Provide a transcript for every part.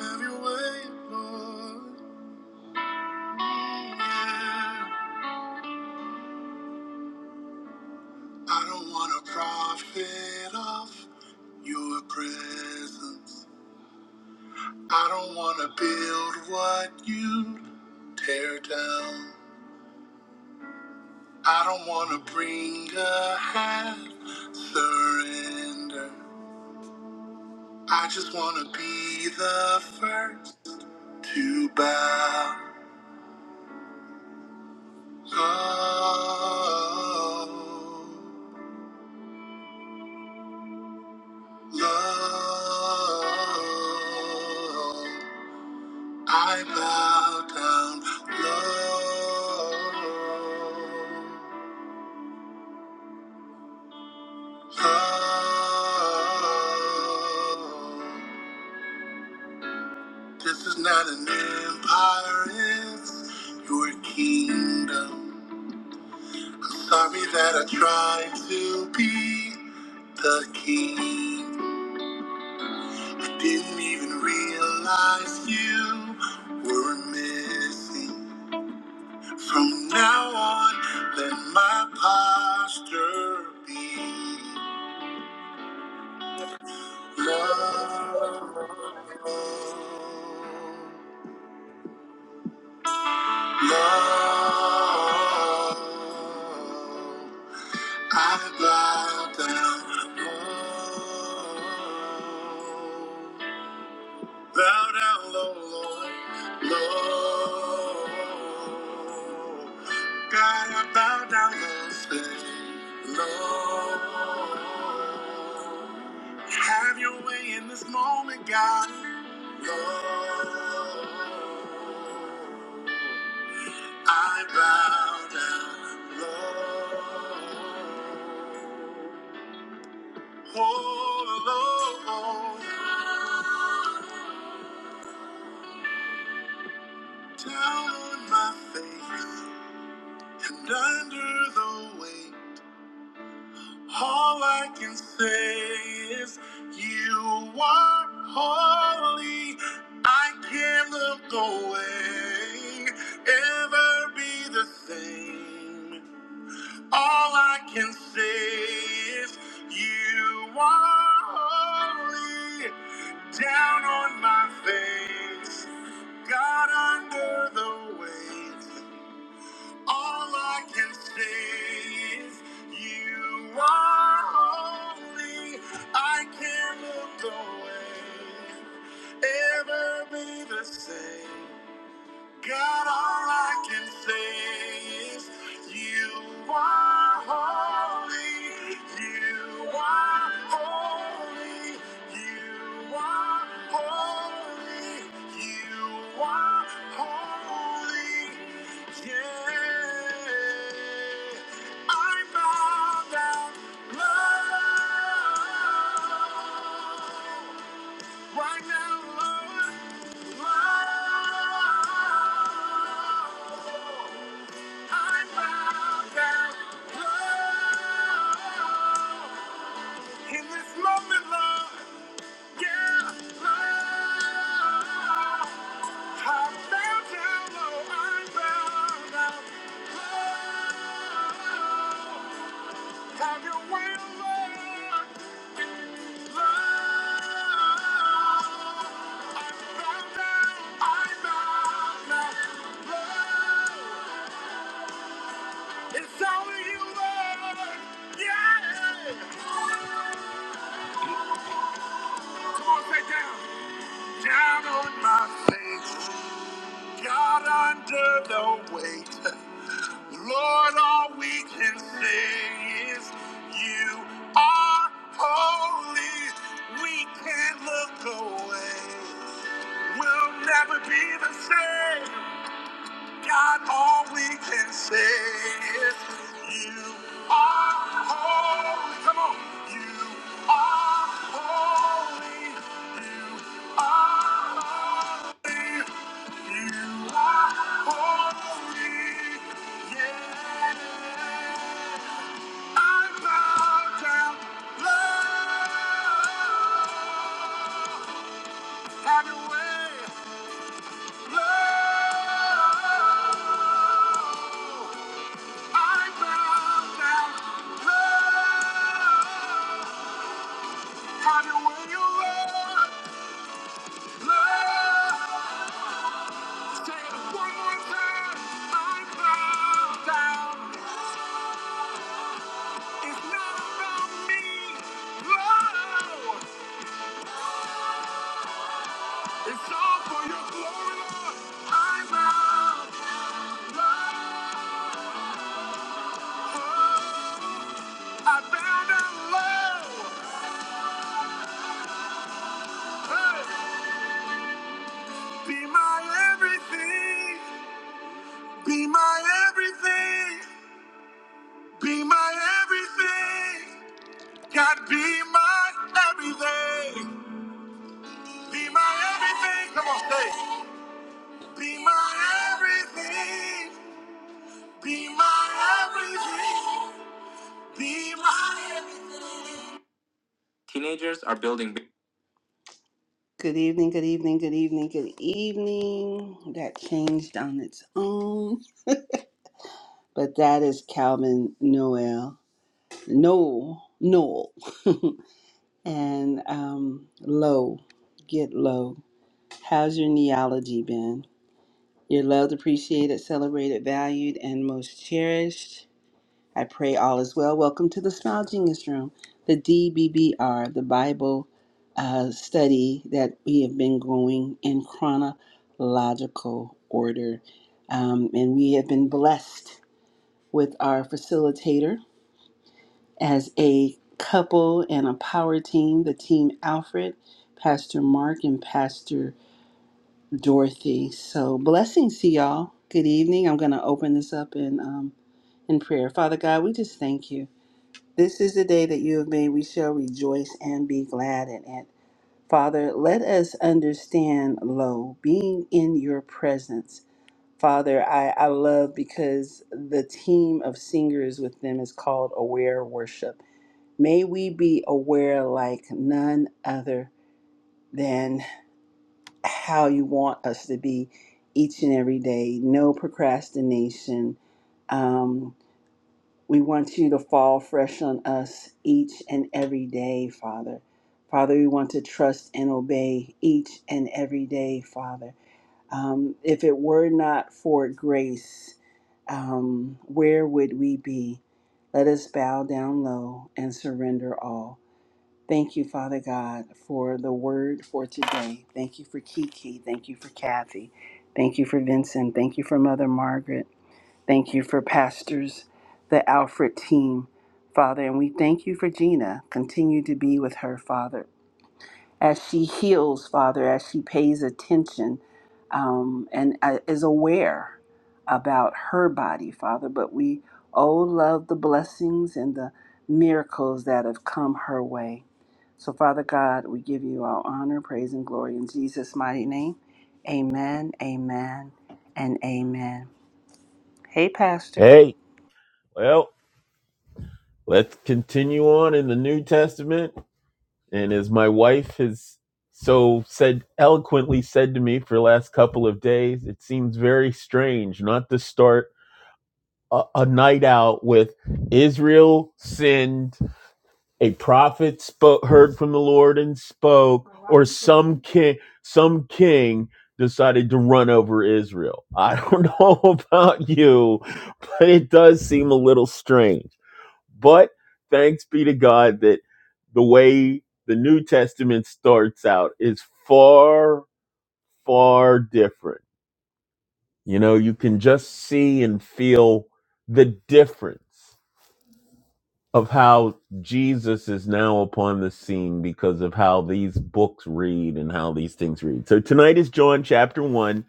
Have your way, Lord. I don't want to profit off your presence. I don't want to build what you tear down. I don't want to bring a half surrender. I just want to be the first to bow. Oh. Lord, I bow down. Lord, Lord, this is not an empire, it's your kingdom. Sorry that I tried to be the king. I didn't even realize you were missing. From now on, let my posture be love. Love. I bow down. Love. Bow down low, Lord, low. God, I bow down low, say, low. Have your way in this moment, God, low. I bow down low. Oh, Lord. Down on my face and under the weight, all I can say is, You are holy. I can't look away, ever be the same. All I can say is, You are holy. Down on my face, God under the weight. All I can say is you are holy. I can't look away, ever be the same. God, all I can say is you are holy, you are holy, you are holy, you are holy. Yeah, I bow down, Lord. Right now, Lord, Lord, I bow down, Lord, in this moment, Lord, yeah, Lord, I bow down, Lord, I bow down, Lord, have your way, Lord, Lord. It's all you are. Yeah. Come on, say down. Down on my face, God under the weight. Lord, all we can say is you are holy. We can't look away. We'll never be the same. God, all we can say is you are holy. Come on. You are holy. You are holy. You are holy. Yeah. I bow down. Love. Have your way. Love. I bow down, Lord. your way, Lord. Lord. Say one more time. I bow down. It's not about me, Lord. It's all for your glory, I bow, Lord. I bow down, Hey, be my everything. Be my everything. Be my everything. God, be my everything. Be my everything. Come on, say. it. Be my everything. Be my everything. Be my everything. Teenagers are. Good evening, good evening, good evening, good evening. That changed on its own. But that is Calvin Noel. Noel. Noel. and um, low. Get low. How's your neology been? You're loved, appreciated, celebrated, valued, and most cherished. I pray all is well. Welcome to the Smile Genius Room, the DBBR, the Bible uh, study that we have been going in chronological order. Um, and we have been blessed with our facilitator as a couple and a power team, the team Alfred, Pastor Mark, and Pastor Dorothy. So blessings to y'all. Good evening. I'm going to open this up in um, in prayer. Father God, we just thank you. This is the day that you have made. We shall rejoice and be glad in it. Father, let us understand, lo, being in your presence. Father, I, I love because the team of singers with them is called Aware Worship. May we be aware like none other than how you want us to be each and every day. No procrastination. Um, we want you to fall fresh on us each and every day, Father. Father, we want to trust and obey each and every day, Father. Um, if it were not for grace, um, where would we be? Let us bow down low and surrender all. Thank you, Father God, for the word for today. Thank you for Kiki. Thank you for Kathy. Thank you for Vincent. Thank you for Mother Margaret. Thank you for pastors, the Alfred team, Father. And we thank you for Gina. Continue to be with her, Father, as she heals, Father, as she pays attention um, and uh, is aware about her body, Father. But we, oh, love the blessings and the miracles that have come her way. So, Father God, we give you all honor, praise, and glory in Jesus' mighty name. Amen, amen, and amen. Hey, Pastor. Hey, well, let's continue on in the New Testament. And as my wife has so said eloquently said to me for the last couple of days, it seems very strange not to start a, a night out with Israel sinned, a prophet spoke, heard from the Lord and spoke, or some king, some king decided to run over Israel. I don't know about you, but it does seem a little strange. But thanks be to God that the way the New Testament starts out is far, far different. You know, you can just see and feel the difference of how Jesus is now upon the scene because of how these books read and how these things read. So tonight is John chapter 1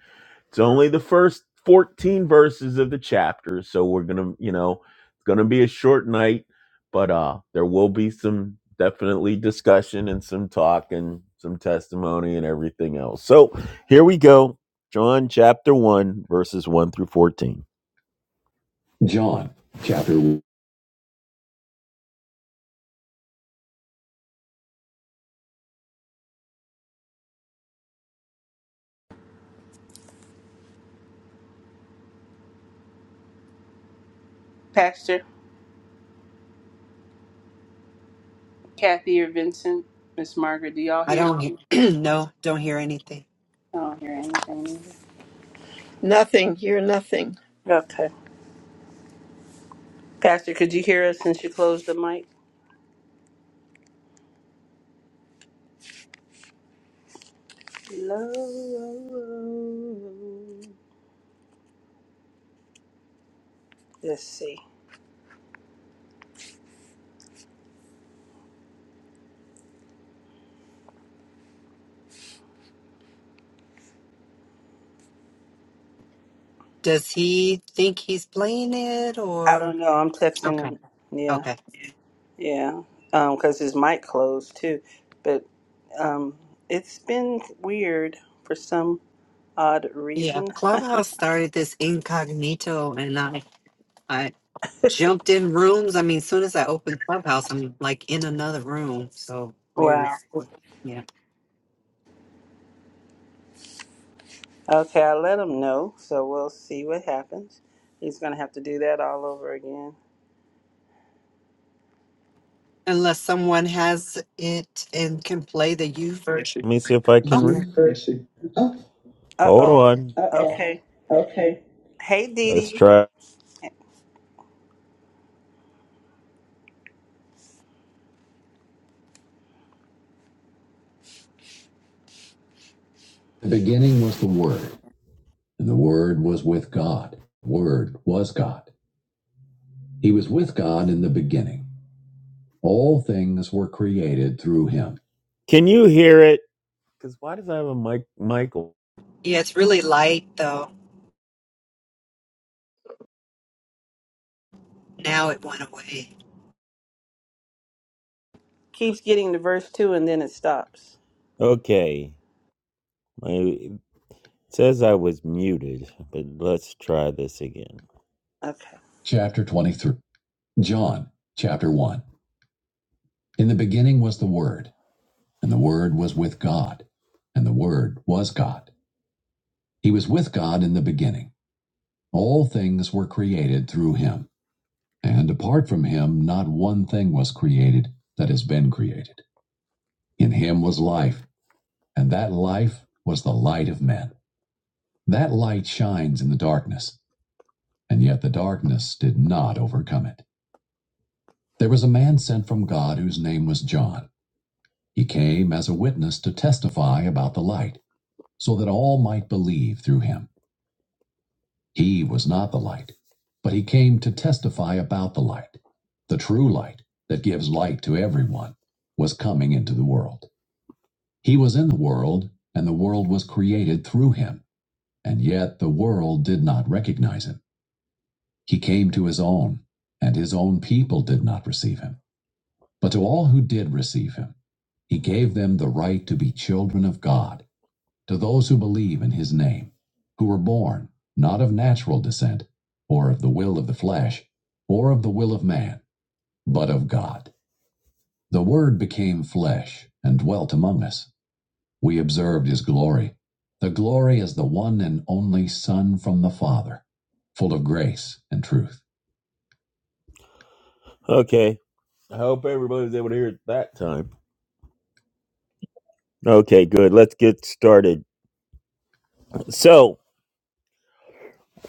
It's only the first 14 verses of the chapter, so we're going to, you know, it's going to be a short night, but uh there will be some definitely discussion and some talk and some testimony and everything else. So, here we go. John chapter 1 verses 1 through 14. Pastor, Kathy or Vincent, Miss Margaret, do y'all I hear? don't hear, no, don't hear anything. I don't hear anything either. Nothing, You're nothing. Okay. Pastor, could you hear us since you closed the mic? Hello. Let's see. Does he think he's playing it I or? don't know. I'm texting Okay. him. Yeah, Okay. yeah. Um, 'cause his mic closed too. But um, it's been weird for some. odd Yeah. reason. Clubhouse started this incognito and I, I jumped in rooms. I mean, as soon as I opened Clubhouse, I'm like in another room. So weird. Wow. Yeah. Okay, I let him know, so we'll see what happens. He's gonna have to do that all over again. Unless someone has it and can play the U Let version. me see if I can Okay. read. Uh Hold oh. on. Uh-oh. Okay. Okay. Hey Dee Let's Dee try. The beginning was the Word, and the Word was with God. The Word was God. He was with God in the beginning. All things were created through him. Can you hear it? Because why does I have a mic, Michael? Yeah. It's really light though. Now it went away. keeps getting to verse two and then it stops. Okay, my, it says I was muted, but let's try this again. Okay. Chapter 23. John, chapter 1. In the beginning was the Word, and the Word was with God, and the Word was God. He was with God in the beginning. All things were created through him, and apart from him, not one thing was created that has been created. In him was life. And that life was the light of men. That light shines in the darkness, and yet the darkness did not overcome it. There was a man sent from God whose name was John. He came as a witness to testify about the light, so that all might believe through him. He was not the light, but he came to testify about the light. The true light that gives light to everyone was coming into the world. He was in the world, and the world was created through him And yet the world did not recognize him. He came to his own, and his own people did not receive him. But to all who did receive him, he gave them the right to be children of God, to those who believe in his name, who were born not of natural descent, or of the will of the flesh, or of the will of man, but of God. The Word became flesh and dwelt among us. we observed his glory, the glory as the one and only Son from the Father, full of grace and truth. Okay. I hope everybody's able to hear it that time. Okay, good. Let's get started. So,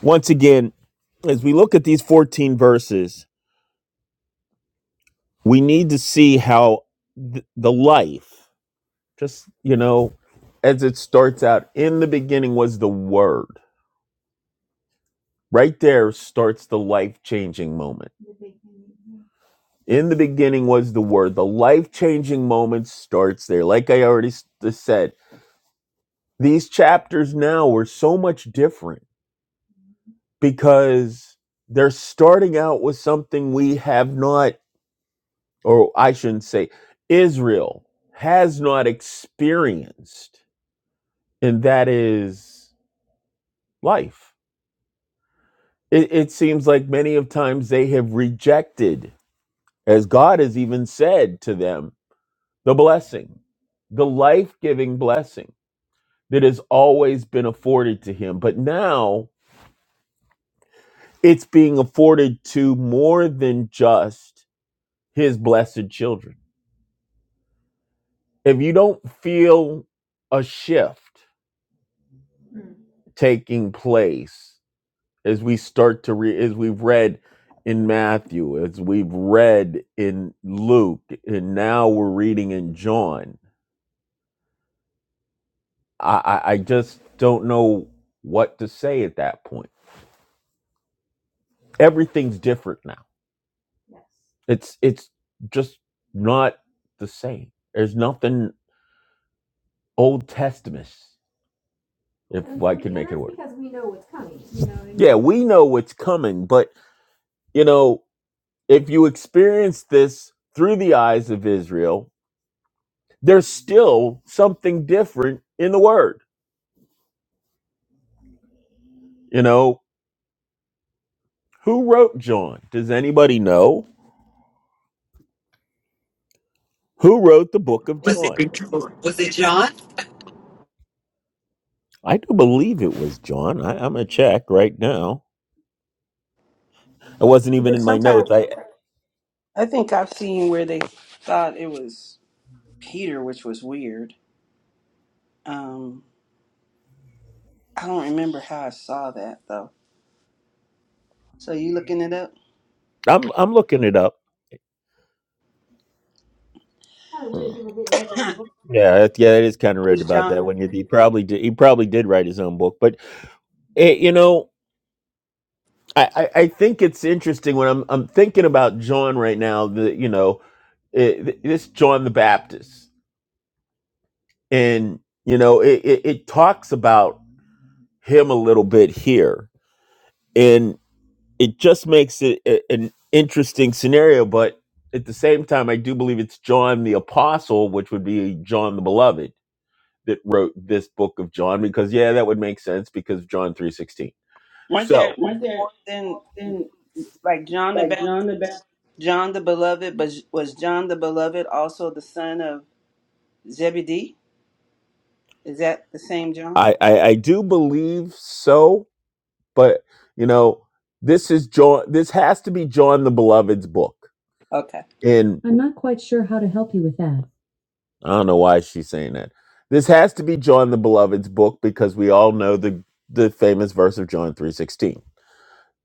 once again, as we look at these 14 verses, we need to see how th- the life, just, you know, as it starts out, in the beginning was the Word. Right there starts the life changing moment. In the beginning was the Word. The life changing moment starts there. Like I already s- said, these chapters now were so much different because they're starting out with something we have not, or I shouldn't say, Israel has not experienced, and that is life. It, it seems like many of times they have rejected, as God has even said to them, the blessing, the life giving blessing that has always been afforded to him. But now it's being afforded to more than just his blessed children. If you don't feel a shift taking place as we start to read, as we've read in Matthew, as we've read in Luke, and now we're reading in John, I, I, I just don't know what to say at that point. Everything's different now Yes. It's it's just not the same. There's nothing Old Testament, if And, I can and make it that's work. because we know what's coming. You know what I mean? Yeah, we know what's coming, but you know, if you experience this through the eyes of Israel, there's still something different in the word. You know, who wrote John? Does anybody know who wrote the book of Was it, John? was it John? I do believe it was John. I, I'm gonna check right now. I wasn't even in my Sometimes notes. I think I've seen where they thought it was Peter, which was weird. Um, I don't remember how I saw that though. So you looking it up? It I'm I'm looking it up. Yeah, it- yeah, it is kind of read was about that John. when you, he probably did. He probably did write his own book, but eh, you know, I, I, I think it's interesting when I'm I'm thinking about John right now. The you know it, this John the Baptist, and you know it, it, it talks about him a little bit here, and it just makes it a, an interesting scenario. But at the same time, I do believe it's John the Apostle, which would be John the Beloved that wrote this book of John because yeah, that would make sense because of John three sixteen. Weren't So there Weren't there more than? then Like John the like John the Baptist? Baptist, John the Beloved, but was John the Beloved also the son of Zebedee? Is that the same John? I, I I do believe so, but you know this is John. This has to be John the Beloved's book. Okay. And I'm not quite sure how to help you with that. I don't know why she's saying that. This has to be John the Beloved's book because we all know the the famous verse of John three sixteen.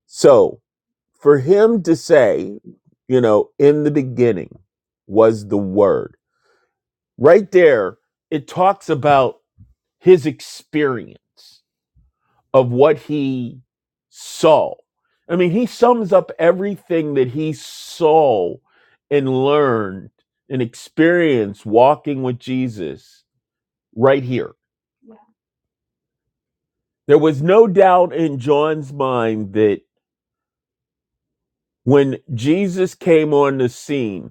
So for him to say, you know, in the beginning was the word. Right there, it talks about his experience of what he saw. I mean, he sums up everything that he saw and learned and experienced walking with Jesus right here. There was no doubt in John's mind that when Jesus came on the scene,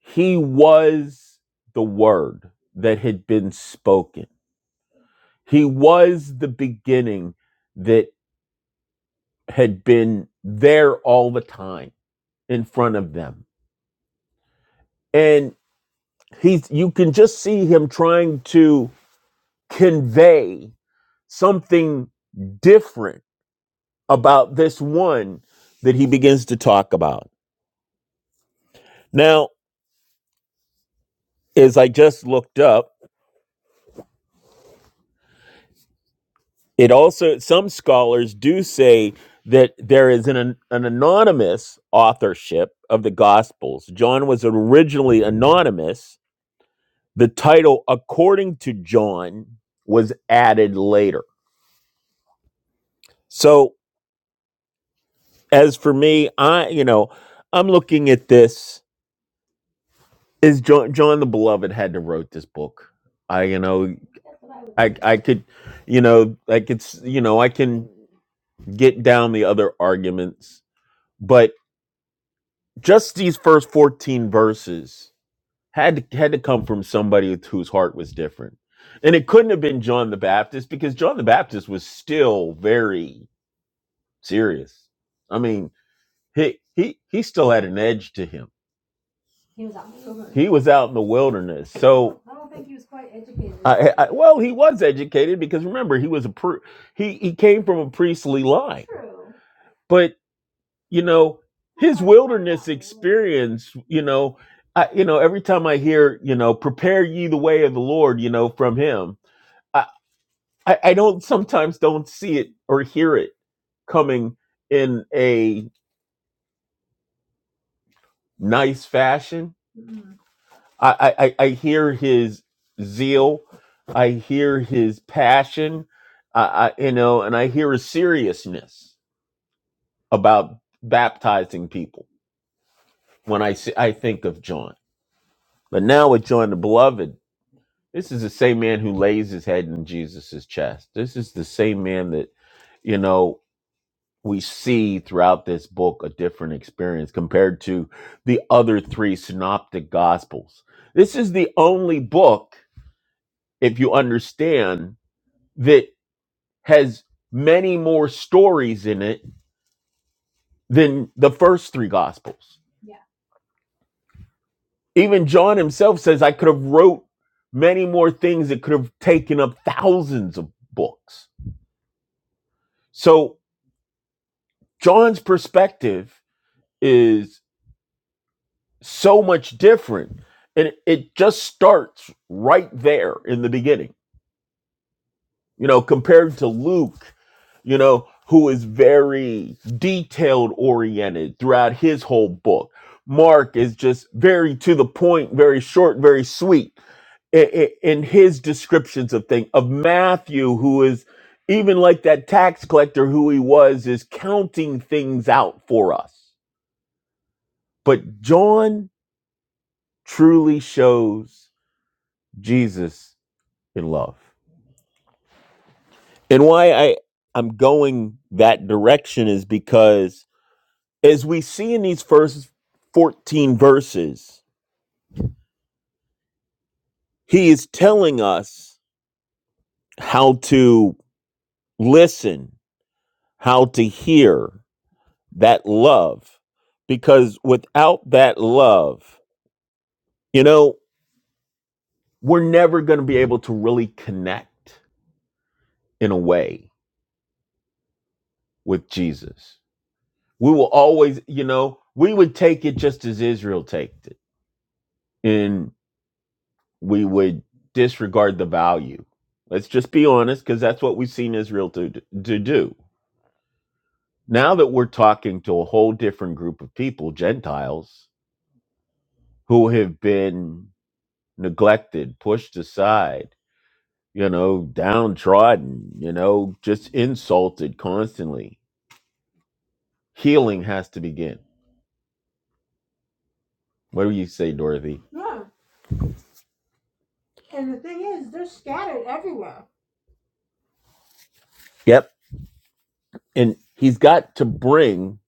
He was the word that had been spoken. He was the beginning that had been there all the time in front of them. And he's you can just see him trying to convey something different about this one that he begins to talk about. Now, as I just looked up, It also, some scholars do say that there is an, an anonymous authorship of the Gospels. John was originally anonymous. The title, according to John, was added later. So, as for me, I, you know, I'm looking at this. Is John, John the Beloved had to wrote this book? I, you know, I, I could, you know, like it's, you know, I can get down the other arguments, but. just these first 14 verses had to, had to come from somebody whose heart was different and it couldn't have been john the baptist because john the baptist was still very serious i mean he he he still had an edge to him he was out in the wilderness He was out in the wilderness. so I, don't think he was quite educated. I, I, well he was educated because remember he was a pri- he he came from a priestly line True. but you know his wilderness experience you know I, you know every time i hear you know prepare ye the way of the lord you know from him i i, I don't sometimes don't see it or hear it coming in a nice fashion Mhm. I, I i I hear his zeal i hear his passion I, I you know and i hear his seriousness about baptizing people when i see i think of john But now we're joined the beloved. This is the same man who lays his head in Jesus' chest. This is the same man that, you know, we see throughout this book a different experience compared to the other three synoptic gospels. This is the only book, if you understand, that has many more stories in it than the first three gospels. Even John himself says, I could have wrote many more things that could have taken up thousands of books. So John's perspective is so much different. And it just starts right there in the beginning, you know, compared to Luke, you know, who is very detailed oriented throughout his whole book. Mark is just very to the point, very short, very sweet i- i- in his descriptions of things of Matthew, who is even like that tax collector who he was, is counting things out for us. But John truly shows Jesus in love. And why I, I'm going that direction is because as we see in these first 14 verses, he is telling us how to listen, how to hear, that love because without that love you know we're never going to be able to really connect in a way with jesus we will always you know we would take it just as israel takes it and we would disregard the value let's just be honest because that's what we've seen israel to, to do now that we're talking to a whole different group of people gentiles who have been neglected pushed aside you know, downtrodden, you know, just insulted constantly. Healing has to begin. What do you say, Dorothy? Yeah, and the thing is, they're scattered everywhere. Yep. And he's got to bring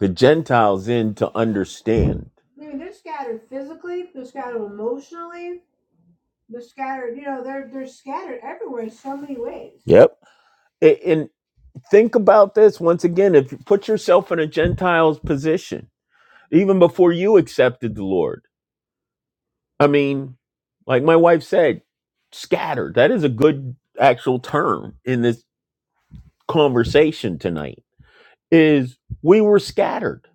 the Gentiles in to understand. I mean, they're scattered physically, they're scattered emotionally, they're scattered, you know, they're they're scattered everywhere in so many ways. Yep. A- And think about this once again, if you put yourself in a Gentile's position even before you accepted the Lord. I mean, like my wife said, scattered. That is a good actual term in this conversation tonight. Is we were scattered.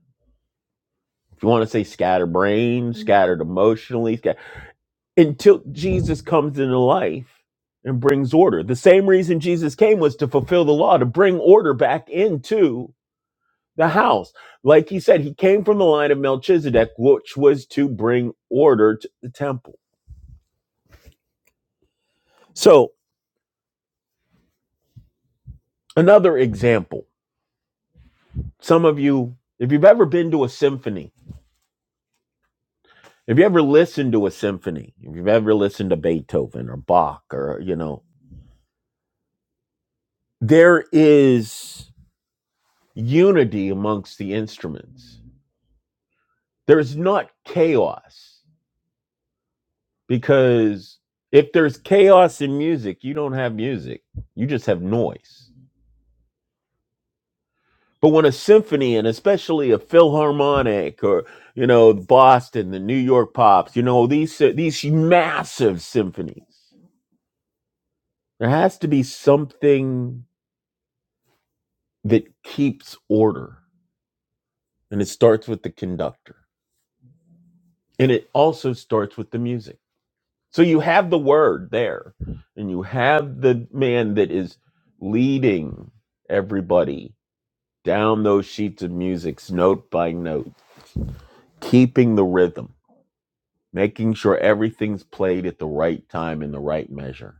If you want to say scatterbrained, scattered emotionally, scat- until Jesus comes into life and brings order. The same reason Jesus came was to fulfill the law, to bring order back into the house. Like he said, he came from the line of Melchizedek, which was to bring order to the temple. So Another example some of you, if you've ever been to a symphony, if you ever listened to a symphony, if you've ever listened to Beethoven or Bach or, you know, there is unity amongst the instruments. There's not chaos because if there's chaos in music, you don't have music, you just have noise. But when a symphony and especially a philharmonic or you know Boston, the New York Pops, you know these si, these massive symphonies, there has to be something that keeps order, and it starts with the conductor, and it also starts with the music. So you have the word there, and you have the man that is leading everybody down those sheets of music, note by note, keeping the rhythm making sure everything's played at the right time in the right measure.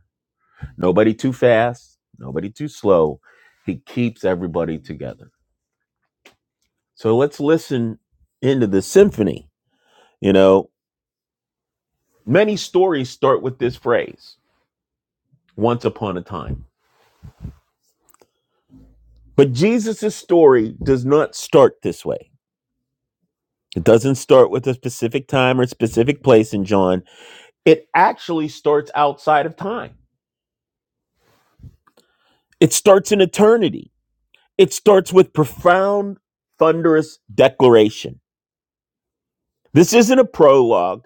Nobody too fast, nobody too slow. He keeps everybody together. So let's listen into the symphony. You know, many stories start with this phrase, once upon a time. But Jesus's story does not start this way. It doesn't start with a specific time or specific place in John. It actually starts outside of time. It starts in eternity It starts with profound, thunderous declaration. This isn't a prologue,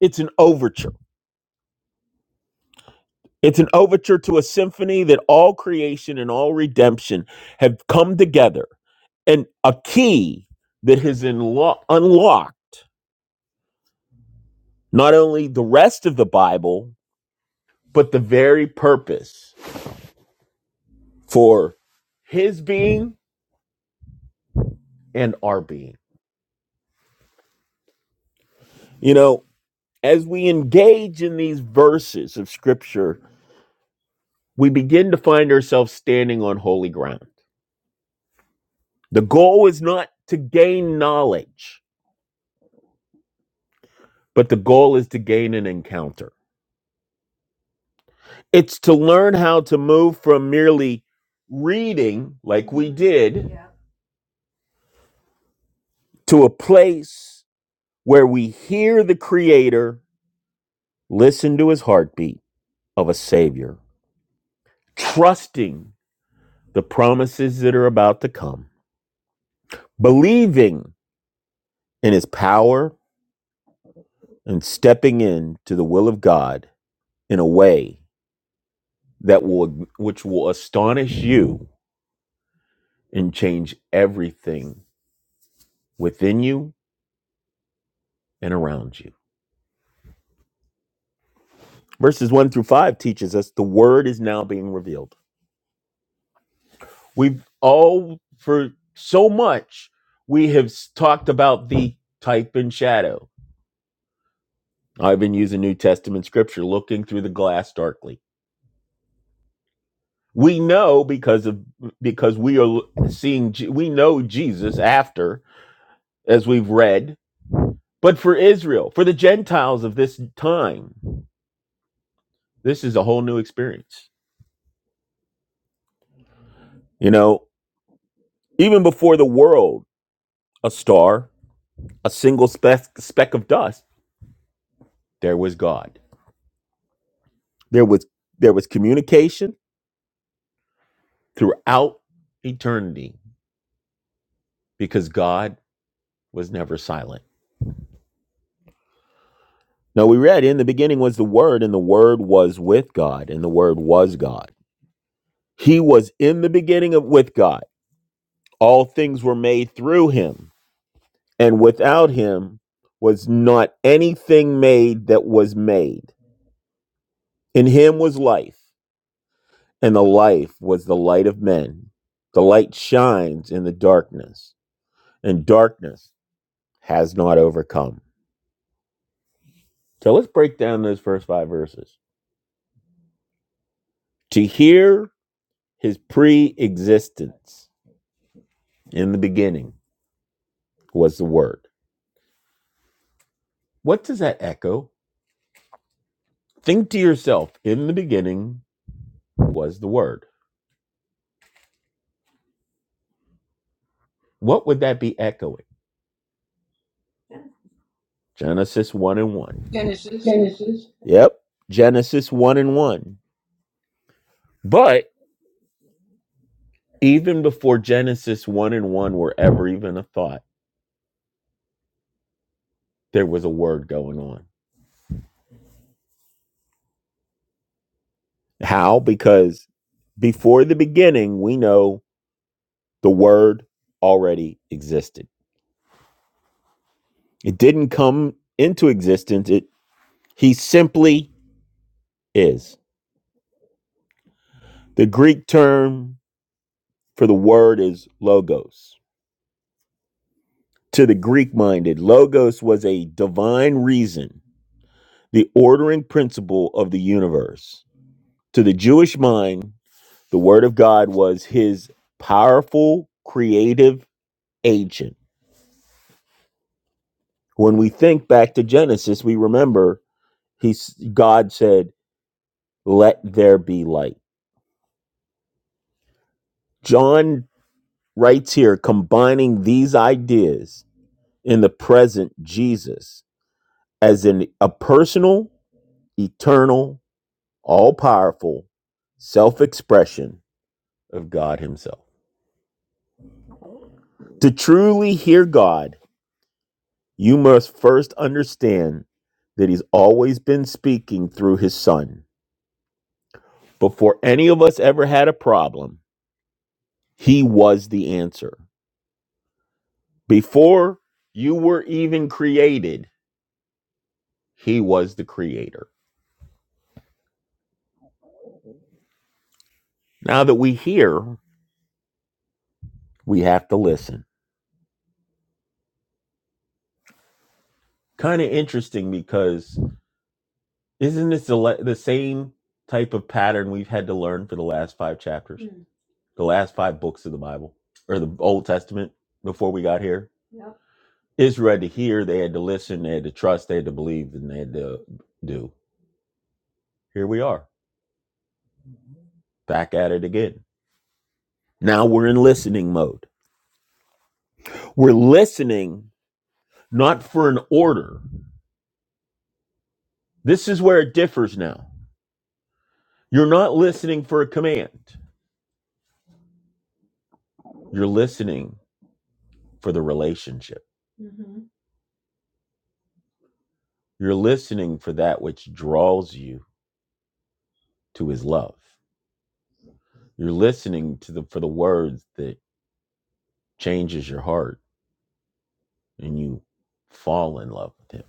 it's an overture. It's an overture to a symphony that all creation and all redemption have come together, and a key that has unlo- unlocked not only the rest of the Bible, but the very purpose for his being and our being. You know, as we engage in these verses of scripture, we begin to find ourselves standing on holy ground. The goal is not to gain knowledge, but the goal is to gain an encounter. It's to learn how to move from merely reading, like we did, Yeah. to a place where we hear the Creator, listen to his heartbeat of a Savior, trusting the promises that are about to come, believing in his power, and stepping into the will of God in a way that will which will astonish you and change everything within you and around you. Verses 1 through 5 teaches us the word is now being revealed. We've all for so much we have s- talked about the type and shadow. I've been using New Testament scripture looking through the glass darkly. We know because of because we are l- seeing Je- we know Jesus after as we've read But for Israel, for the Gentiles of this time, this is a whole new experience. You know, even before the world, a star, a single speck, speck of dust, there was God. There was there was communication throughout eternity because God was never silent. Now we read in the beginning was the word and the word was with God and the word was God. He was in the beginning of with God. All things were made through him and without him was not anything made that was made. In him was life, and the life was the light of men. The light shines in the darkness, and darkness has not overcome. So let's break down those first five verses. To hear his pre existence in the beginning was the word. What does that echo? Think to yourself, in the beginning was the word. What would that be echoing? Genesis 1 and 1. Genesis. Yep. Genesis 1 and 1. But even before Genesis 1 and 1 were ever even a thought, there was a word going on. How? Because before the beginning, we know the word already existed. It didn't come into existence. It he simply is. The Greek term for the word is logos. To the Greek minded, logos was a divine reason the ordering principle of the universe. To the Jewish mind, the Word of God was his powerful creative agent. When we think back to Genesis, we remember he's, God said, Let there be light. John writes here, combining these ideas in the present Jesus as in a personal, eternal, all powerful self expression of God Himself. To truly hear God, you must first understand that He's always been speaking through His Son. Before any of us ever had a problem, He was the answer. Before you were even created, He was the Creator. Now that we hear, we have to listen. Kind of interesting because isn't this the, le- the same type of pattern we've had to learn for the last five chapters? the last five books of the Bible or the Old Testament before we got here. Yep. Israel had to hear, they had to listen, they had to trust, they had to believe, and they had to do. Here we are, back at it again. Now we're in listening mode. We're listening not for an order. This is where it differs now. You're not listening for a command, you're listening for the relationship. Mm-hmm. You're listening for that which draws you to his love. You're listening to the for the words that changes your heart and you fall in love with him.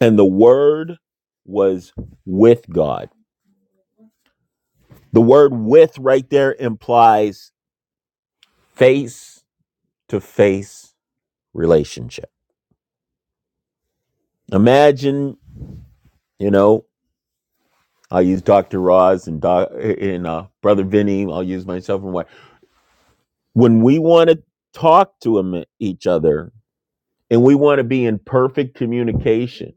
And the word was with God. The word with right there implies face to face relationship. Imagine, you know, I'll use Dr. Roz and, Doc, and uh, Brother Vinny, I'll use myself and why. When we want to talk to him, each other and we want to be in perfect communication,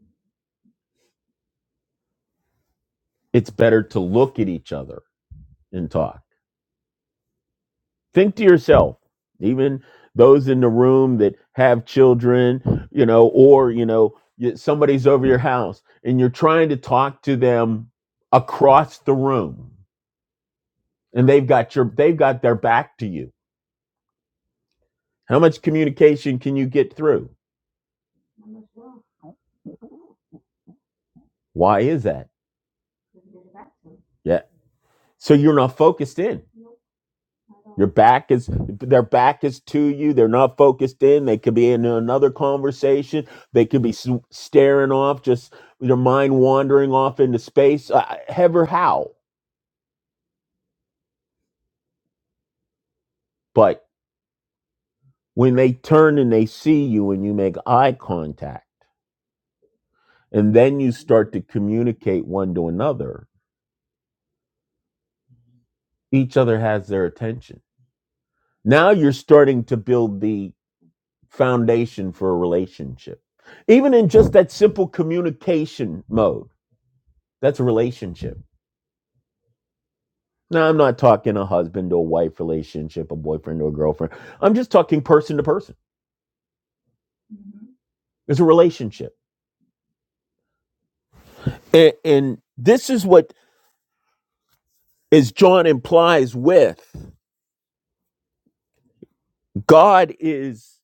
it's better to look at each other and talk. think to yourself even those in the room that have children you know or you know somebody's over your house and you're trying to talk to them across the room and they've got your they've got their back to you how much communication can you get through why is that yeah so you're not focused in Your back is their back is to you. They're not focused in. They could be in another conversation. They could be s- staring off, just their mind wandering off into space. Uh, ever how? But when they turn and they see you, and you make eye contact, and then you start to communicate one to another, each other has their attention. Now you're starting to build the foundation for a relationship, even in just that simple communication mode. That's a relationship Now, I'm not talking a husband or wife relationship, a boyfriend or girlfriend. I'm just talking person to person. It's a relationship. And, and this is what, as John implies with, God is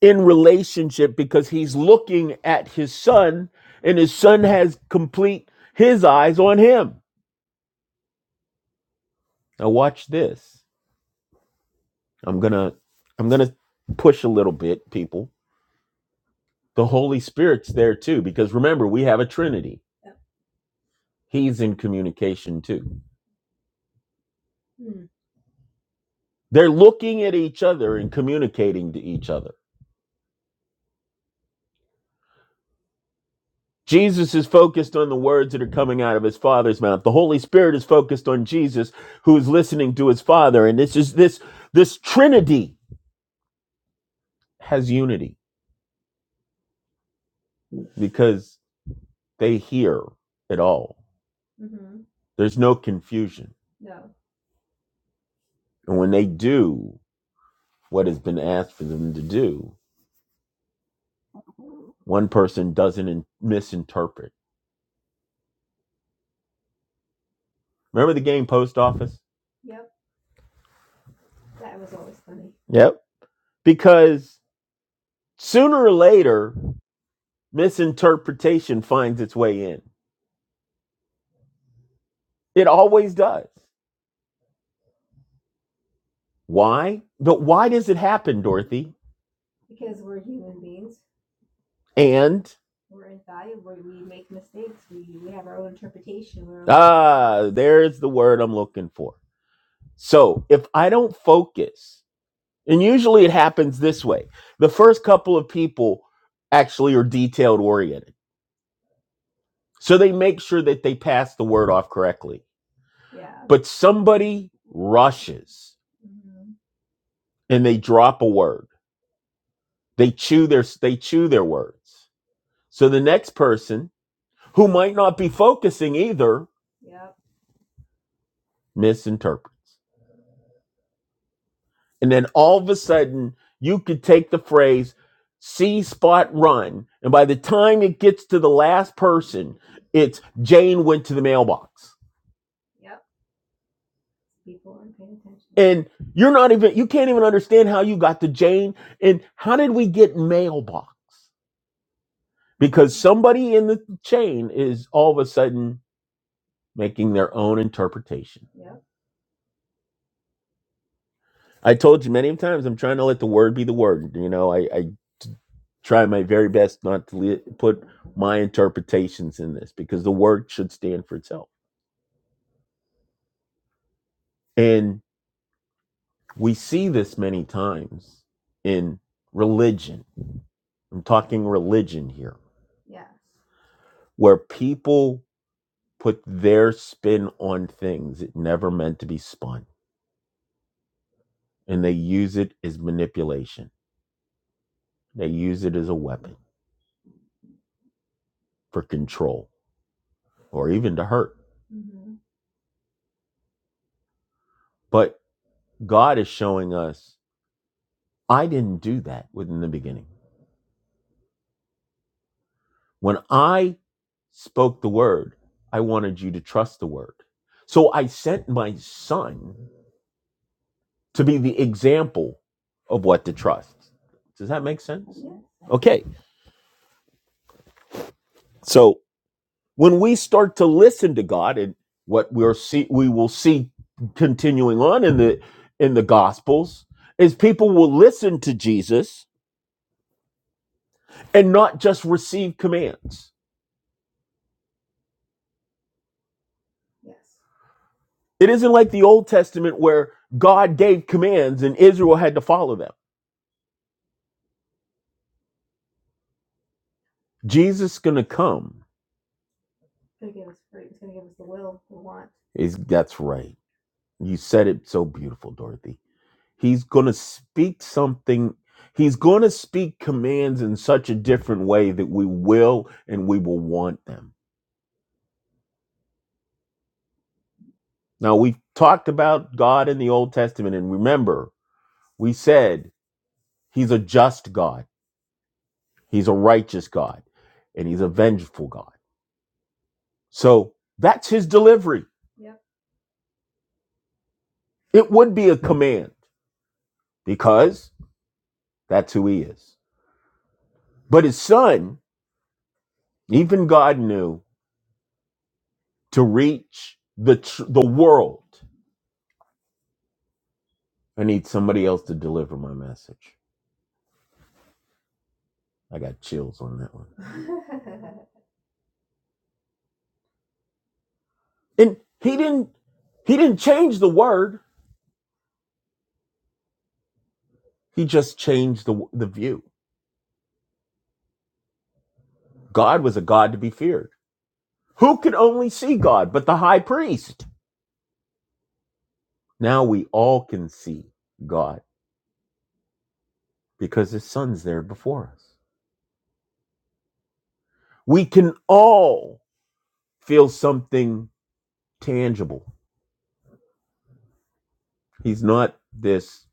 in relationship because he's looking at his son and his son has complete his eyes on him. Now watch this. I'm going to I'm going to push a little bit, people. The Holy Spirit's there too because remember, we have a trinity. He's in communication too. Mm. They're looking at each other and communicating to each other. Jesus is focused on the words that are coming out of his father's mouth. The Holy Spirit is focused on Jesus who is listening to his father and this is this this trinity has unity because they hear it all. Mm-hmm. There's no confusion. No. And when they do what has been asked for them to do, one person doesn't in- misinterpret. Remember the game Post Office? Yep. That was always funny. Yep. because sooner or later misinterpretation finds its way in it always does why but why does it happen dorothy Because we're human beings. and we're we We make mistakes. We, we have our own interpretation. We're ah own- there's the word i'm looking for so if i don't focus and usually it happens this way the first couple of people actually are detailed oriented so they make sure that they pass the word off correctly Yeah. But somebody rushes hmm and they drop a word. They chew their they chew their words. So the next person who might not be focusing either Yep. misinterprets. And then all of a sudden you could take the phrase see spot run and by the time it gets to the last person it's Jane went to the mailbox. Yep. People aren't paying attention. And you're not even, you can't even understand how you got to Jane. And how did we get mailbox? Because somebody in the chain is all of a sudden making their own interpretation. Yep. I told you many times, I'm trying to let the word be the word. You know, I, I try my very best not to le- put my interpretations in this because the word should stand for itself. And. We see this many times in religion. I'm talking religion here, Yes. where people put their spin on things it never meant to be spun, and they use it as manipulation. They use it as a weapon for control or even to hurt. hmm But God is showing us, I didn't do that within the beginning. When I spoke the word, I wanted you to trust the word. So I sent my son to be the example of what to trust. Does that make sense? Okay. So when we start to listen to God and what we're see we will see continuing on in the in the gospels is people will listen to Jesus and not just receive commands. Yes. It isn't like the Old Testament where God gave commands and Israel had to follow them. Jesus is going to come. He's going to give us fruit. He's going to give us the will to want. Is that's right. You said it so beautiful, Dorothy. He's going to speak something. He's going to speak commands in such a different way that we will and we will want them. Now we've talked about God in the Old Testament and remember, we said he's a just God. He's a righteous God and he's a vengeful God. So that's his delivery. Yep. It would be a command because that's who he is. But his son, even God knew to reach the tr- the world. I need somebody else to deliver my message. I got chills on that one. and he didn't he didn't change the word. He just changed the the view. God was a God to be feared. Who could only see God but the high priest? Now we all can see God because his son's there before us. We can all feel something tangible. He's not this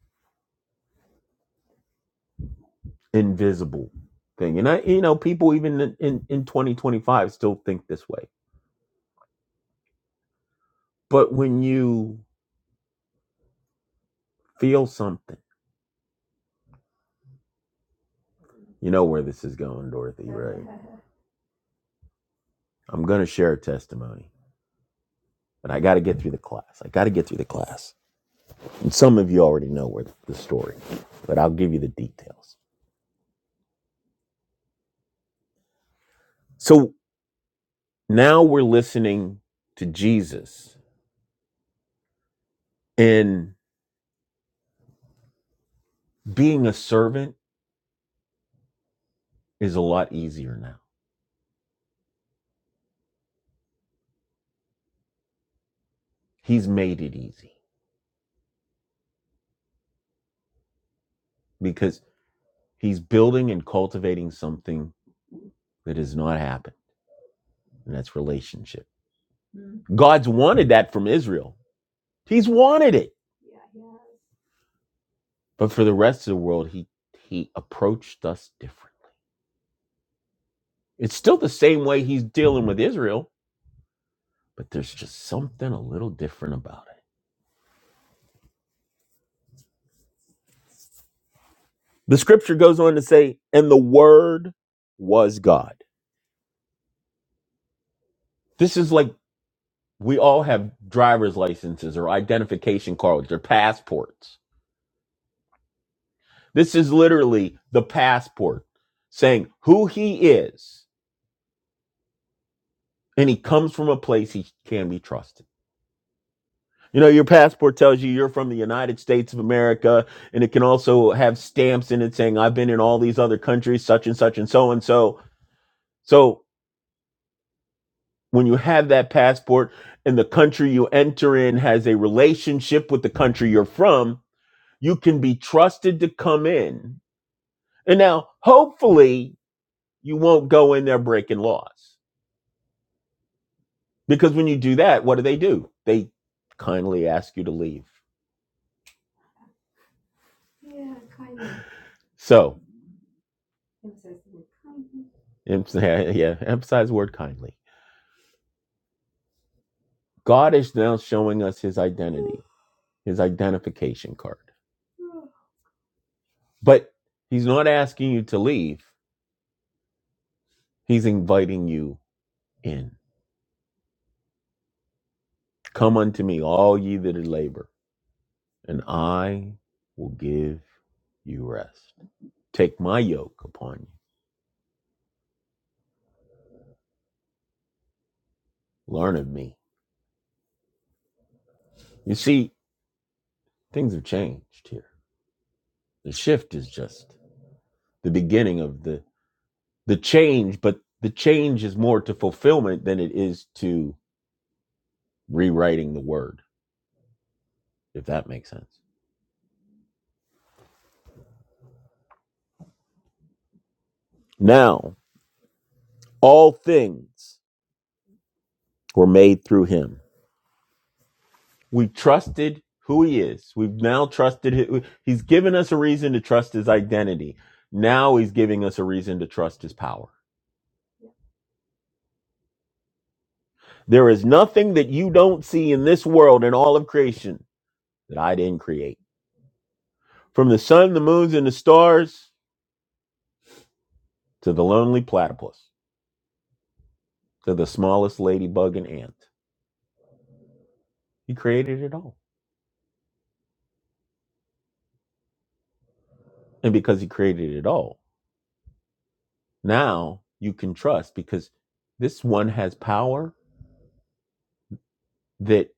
invisible thing. And I, you know, people even in, in, in 2025 still think this way. But when you feel something, you know where this is going, Dorothy, right? I'm going to share a testimony, but I got to get through the class. I got to get through the class. And some of you already know where the story, but I'll give you the details. So now we're listening to Jesus And being a servant is a lot easier now. He's made it easy because he's building and cultivating something that has not happened, and that's relationship. Mm-hmm. God's wanted that from Israel. He's wanted it. Yeah, yeah. But for the rest of the world, he he approached us differently. It's still the same way he's dealing with Israel, but there's just something a little different about it. The scripture goes on to say, and the word was God. This is like We all have driver's licenses or identification cards or passports. This is literally the passport saying who he is, and he comes from a place he can be trusted. You know, your passport tells you you're from the United States of America, and it can also have stamps in it saying, I've been in all these other countries, such and such and so and so. So when you have that passport and the country you enter in has a relationship with the country you're from, you can be trusted to come in And now, hopefully, you won't go in there breaking laws. Because when you do that, what do they do? They kindly ask you to leave. Yeah, kindly. So, em- yeah, yeah, emphasize the word kindly. God is now showing us his identity, his identification card. But he's not asking you to leave, he's inviting you in. Come unto me, all ye that labor, and I will give you rest. Take my yoke upon you. Learn of me. You see, things have changed here. The shift is just the beginning of the the change, but the change is more to fulfillment than it is to rewriting the word, if that makes sense. Now, all things were made through him. We've trusted who he is. We've now trusted hi- He's given us a reason to trust his identity. Now he's giving us a reason to trust his power There is nothing that you don't see in this world and all of creation that I didn't create. From the sun, the moons, and the stars to the lonely platypus to the smallest ladybug and ant. He created it all. And because he created it all, now you can trust because this one has power that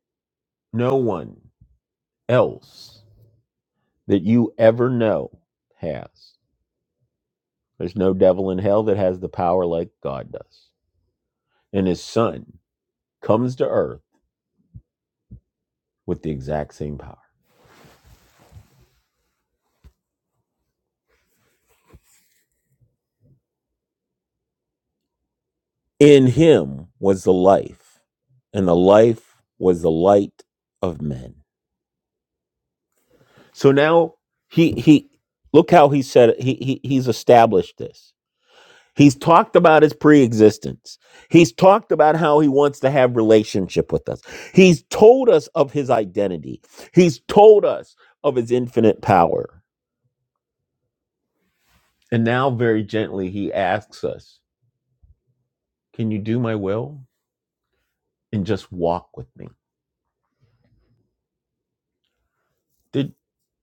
no one else that you ever know has. There's no devil in hell that has the power like God does. And his son comes to earth with the exact same power In him was the life, and the life was the light of men. So now he he look how he said it. He, he he's established this. He's talked about his pre-existence. He's talked about how he wants to have relationship with us. He's told us of his identity. He's told us of his infinite power. And now very gently he asks us, "Can you do my will and just walk with me?" Did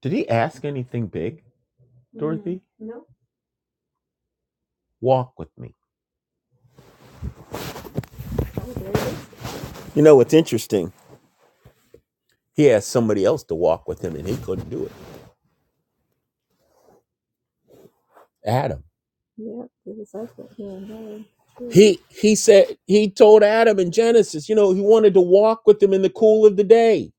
did he ask anything big? Dorothy? No. Walk with me. Oh, there it is. You know what's interesting? He asked somebody else to walk with him and he couldn't do it. Adam. Yeah, the disciple. Yeah, no, true. He he said he told Adam in Genesis, you know, he wanted to walk with him in the cool of the day.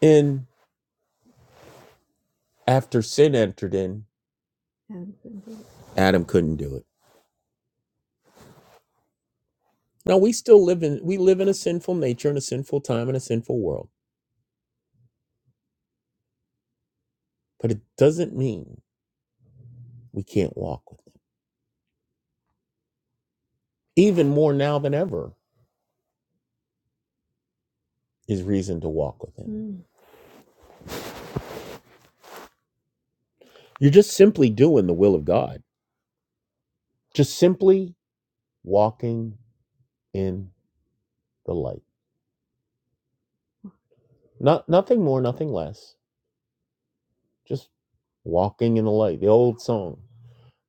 And after sin entered in, And couldn't do it. Adam couldn't do it. Now we still live in we live in a sinful nature and a sinful time and a sinful world, but it doesn't mean we can't walk with him. Even more now than ever. is reason to walk with him. Mm. You're just simply doing the will of God. Just simply walking in the light. Not nothing more, nothing less. Just walking in the light. The old song,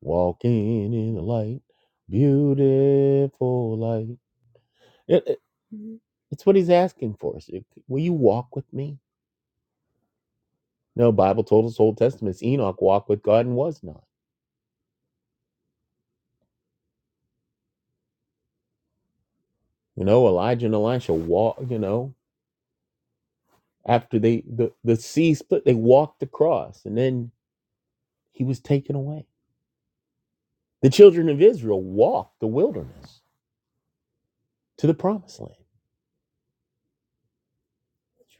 walking in the light, beautiful light. It- it- Mhm. it's what he's asking for. Is Will you walk with me? No, Bible told us Old Testament Enoch walked with God and was not. You know, Elijah and Elisha walk. You know, after they the the sea split, they walked across, and then He was taken away. The children of Israel walked the wilderness to the promised land.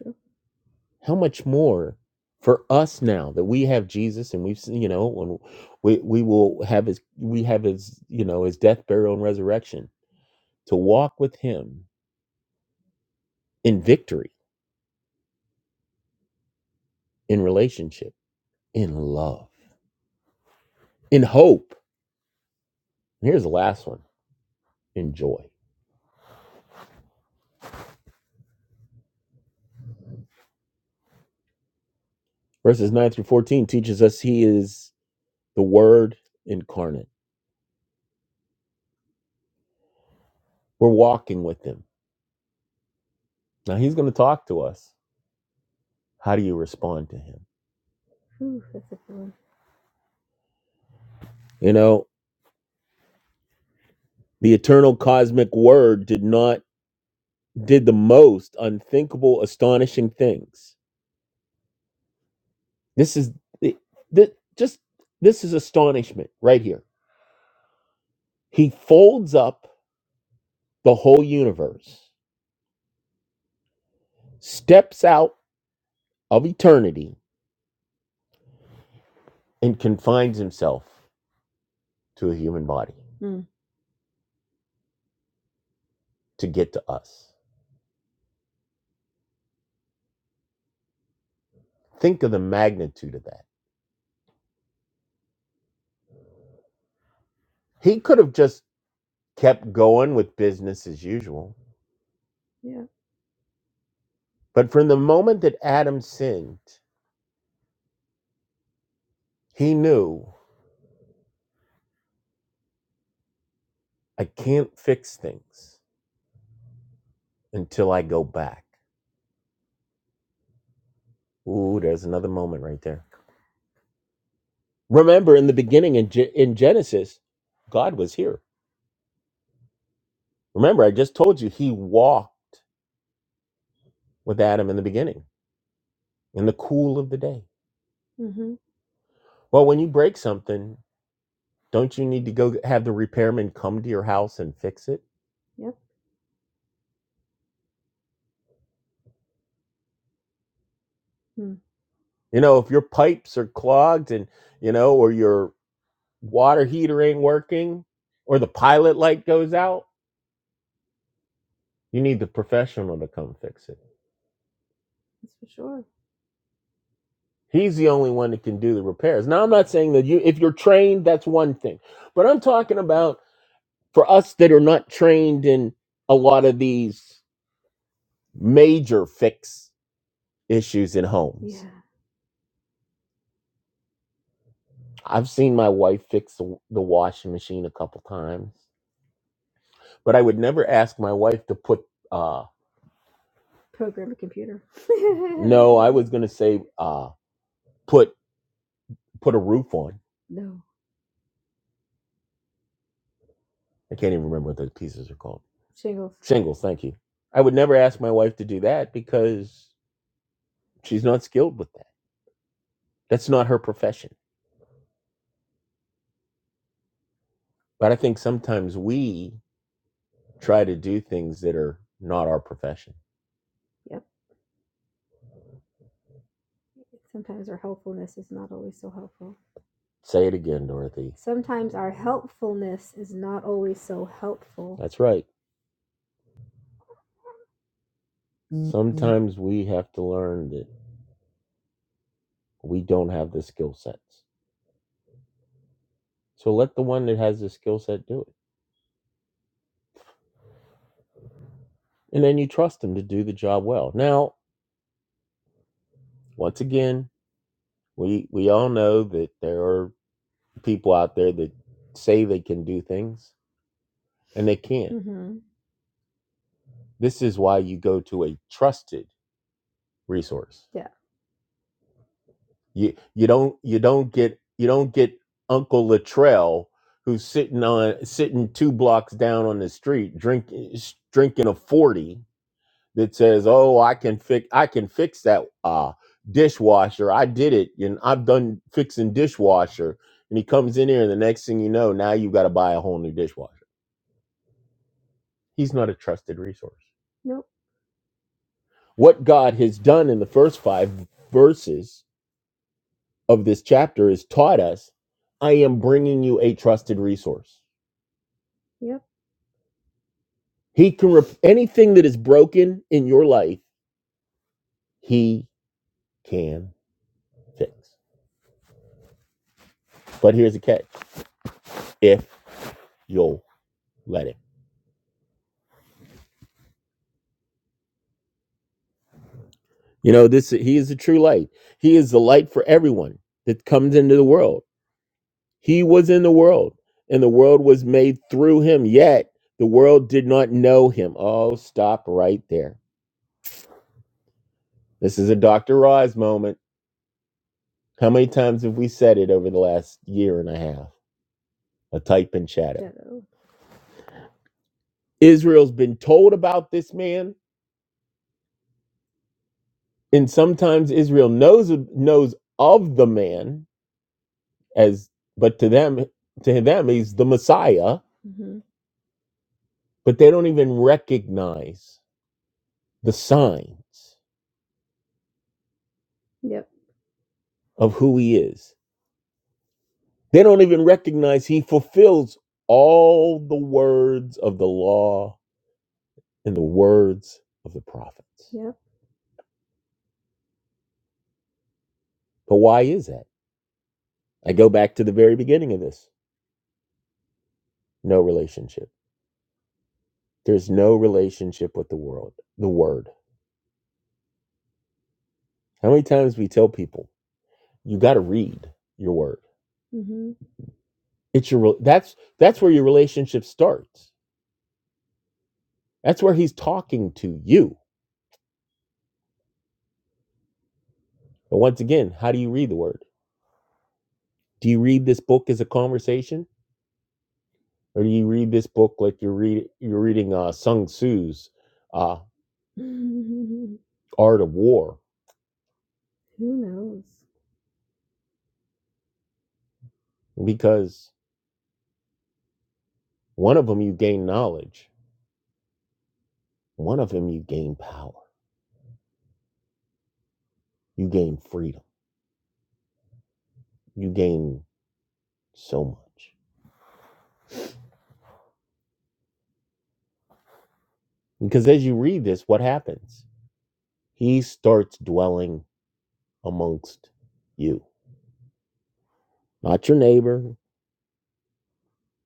True. How much more for us now that we have Jesus and we've seen, you know, when we, we will have his, we have his, you know, his death, burial, and resurrection to walk with him in victory, in relationship, in love, in hope. And here's the last one in joy. Verses 9 through 14 teaches us he is the word incarnate. We're walking with him. Now he's going to talk to us. How do you respond to him? Whew, that's a good one. You know, the eternal cosmic word did not did the most unthinkable, astonishing things. This is this, just this is astonishment right here. He folds up the whole universe, steps out of eternity, and confines himself to a human body to get to us. Think of the magnitude of that. He could have just kept going with business as usual. Yeah. But from the moment that Adam sinned, he knew I can't fix things until I go back. Ooh, there's another moment right there. Remember, in the beginning in, Ge- in Genesis, God was here. Remember, I just told you he walked with Adam in the beginning, in the cool of the day. hmm Well, when you break something, don't you need to go have the repairman come to your house and fix it? Yep. Hmm. You know, if your pipes are clogged and, you know, or your water heater ain't working or the pilot light goes out, you need the professional to come fix it. That's for sure. He's the only one that can do the repairs. Now I'm not saying that you if you're trained that's one thing. But I'm talking about for us that are not trained in a lot of these major fix issues in homes. Yeah. I've seen my wife fix the, the washing machine a couple times, but I would never ask my wife to put uh Program a computer. no, I was going to say uh. put put a roof on. No. I can't even remember what those pieces are called. Shingles. Shingles, thank you. I would never ask my wife to do that because she's not skilled with that. That's not her profession. But I think sometimes we try to do things that are not our profession. Yep. Sometimes our helpfulness is not always so helpful. Say it again, Dorothy. Sometimes our helpfulness is not always so helpful. That's right. Mhm. Sometimes we have to learn that we don't have the skill sets. So let the one that has the skill set do it. And then you trust them to do the job well. Now, once again, we we all know that there are people out there that say they can do things and they can't. hmm This is why you go to a trusted resource. Yeah. You you don't you don't get you don't get Uncle Latrell who's sitting on sitting two blocks down on the street drinking drinking a 40 that says, "Oh, I can fix I can fix that uh, dishwasher. I did it, and I've done fixing dishwasher." And he comes in here, and the next thing you know, now you got to buy a whole new dishwasher. He's not a trusted resource. Nope. What God has done in the first five verses of this chapter is taught us, "I am bringing you a trusted resource." Yep. He can rep- anything that is broken in your life, he can fix. But here's the catch: if you'll let him. You know, this he is the true light. He is the light for everyone that comes into the world. He was in the world, and the world was made through him, yet the world did not know him. Oh, stop right there. This is a Dr. Roz moment. How many times have we said it over the last year and a half? A type in shadow. Shadow. Israel's been told about this man, and sometimes Israel knows knows of the man as but to them to them he's the Messiah but they don't even recognize the signs Yep. of who he is. They don't even recognize he fulfills all the words of the law and the words of the prophets. Yep. But why is that? I go back to the very beginning of this. No relationship. There's no relationship with the world, the word. How many times we tell people, you got to read your word. hmm It's your that's that's where your relationship starts. That's where he's talking to you. But once again, how do you read the word? Do you read this book as a conversation, or do you read this book like you're read you're reading uh, Sung Tzu's uh, Art of War? Who knows? Because one of them you gain knowledge, one of them you gain power, you gain freedom, you gain so much. Because as you read this, what happens? He starts dwelling amongst you, not your neighbor.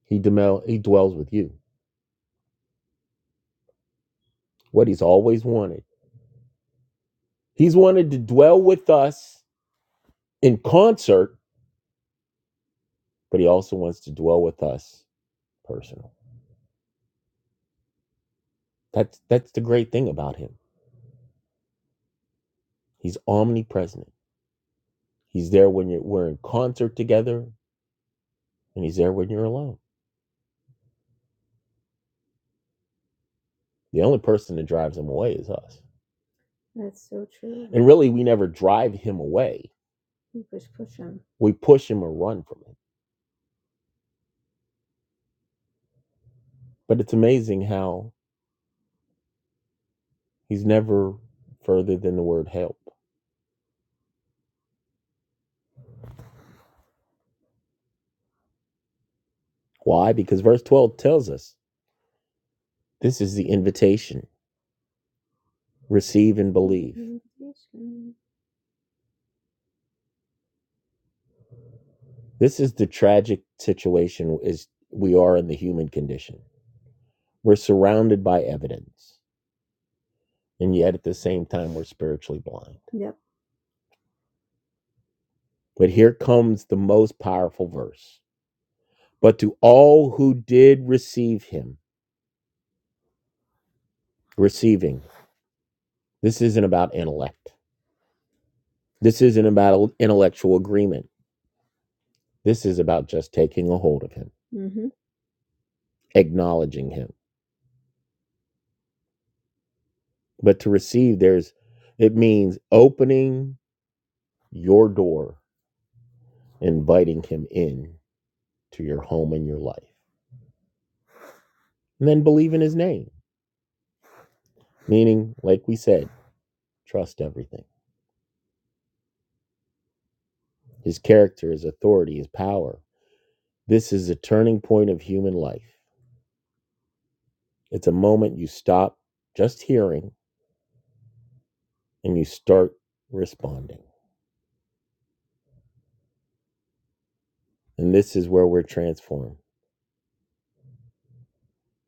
He, demel- he dwells with you. what he's always wanted. He's wanted to dwell with us in concert, but he also wants to dwell with us personal. That's that's the great thing about him. He's omnipresent. He's there when you're we're in concert together, and he's there when you're alone. The only person that drives him away is us. That's so true. And really, we never drive him away. We just push him. We push him or run from him. But it's amazing how he's never further than the word help. Why? Because verse 12 tells us This is the invitation. Receive and believe. This is the tragic situation is we are in the human condition. We're surrounded by evidence, and yet at the same time we're spiritually blind. Yep. But here comes the most powerful verse. But to all who did receive him, receiving. This isn't about intellect. This isn't about intellectual agreement. This is about just taking a hold of him, Mhm. acknowledging him But to receive, there's it means opening your door, inviting him in to your home and your life. And then believe in his name, meaning, like we said, trust everything. His character, his authority, his power. This is a turning point of human life. It's a moment you stop just hearing and you start responding. And this is where we're transformed.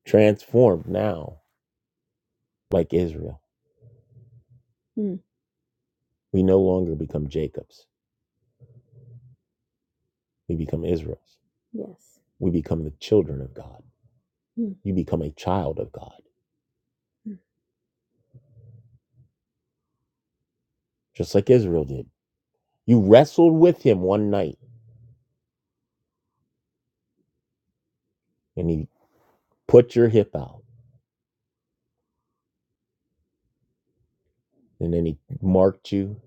Transformed now, like Israel. Hmm. We no longer become Jacobs We become Israel's. Yes. We become the children of God. Mm. You become a child of God, Mm. just like Israel did. You wrestled with him one night and he put your hip out and then he marked you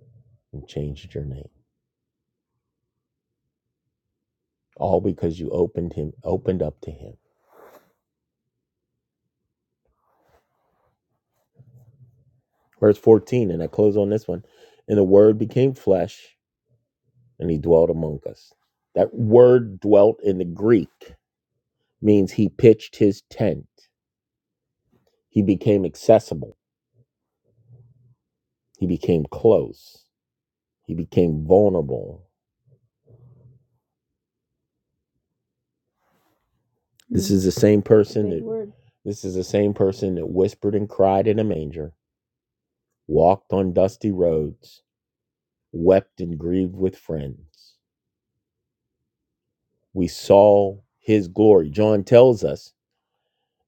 and changed your name. All because you opened him, opened up to him. Verse 14, and I close on this one. And the word became flesh and he dwelt among us. That word dwelt in the Greek means he pitched his tent. He became accessible. He became close. He became vulnerable. Mm-hmm. This Mm. is the same person that word. this is the same person that whispered and cried in a manger, walked on dusty roads, wept and grieved with friends. We saw his glory. John tells us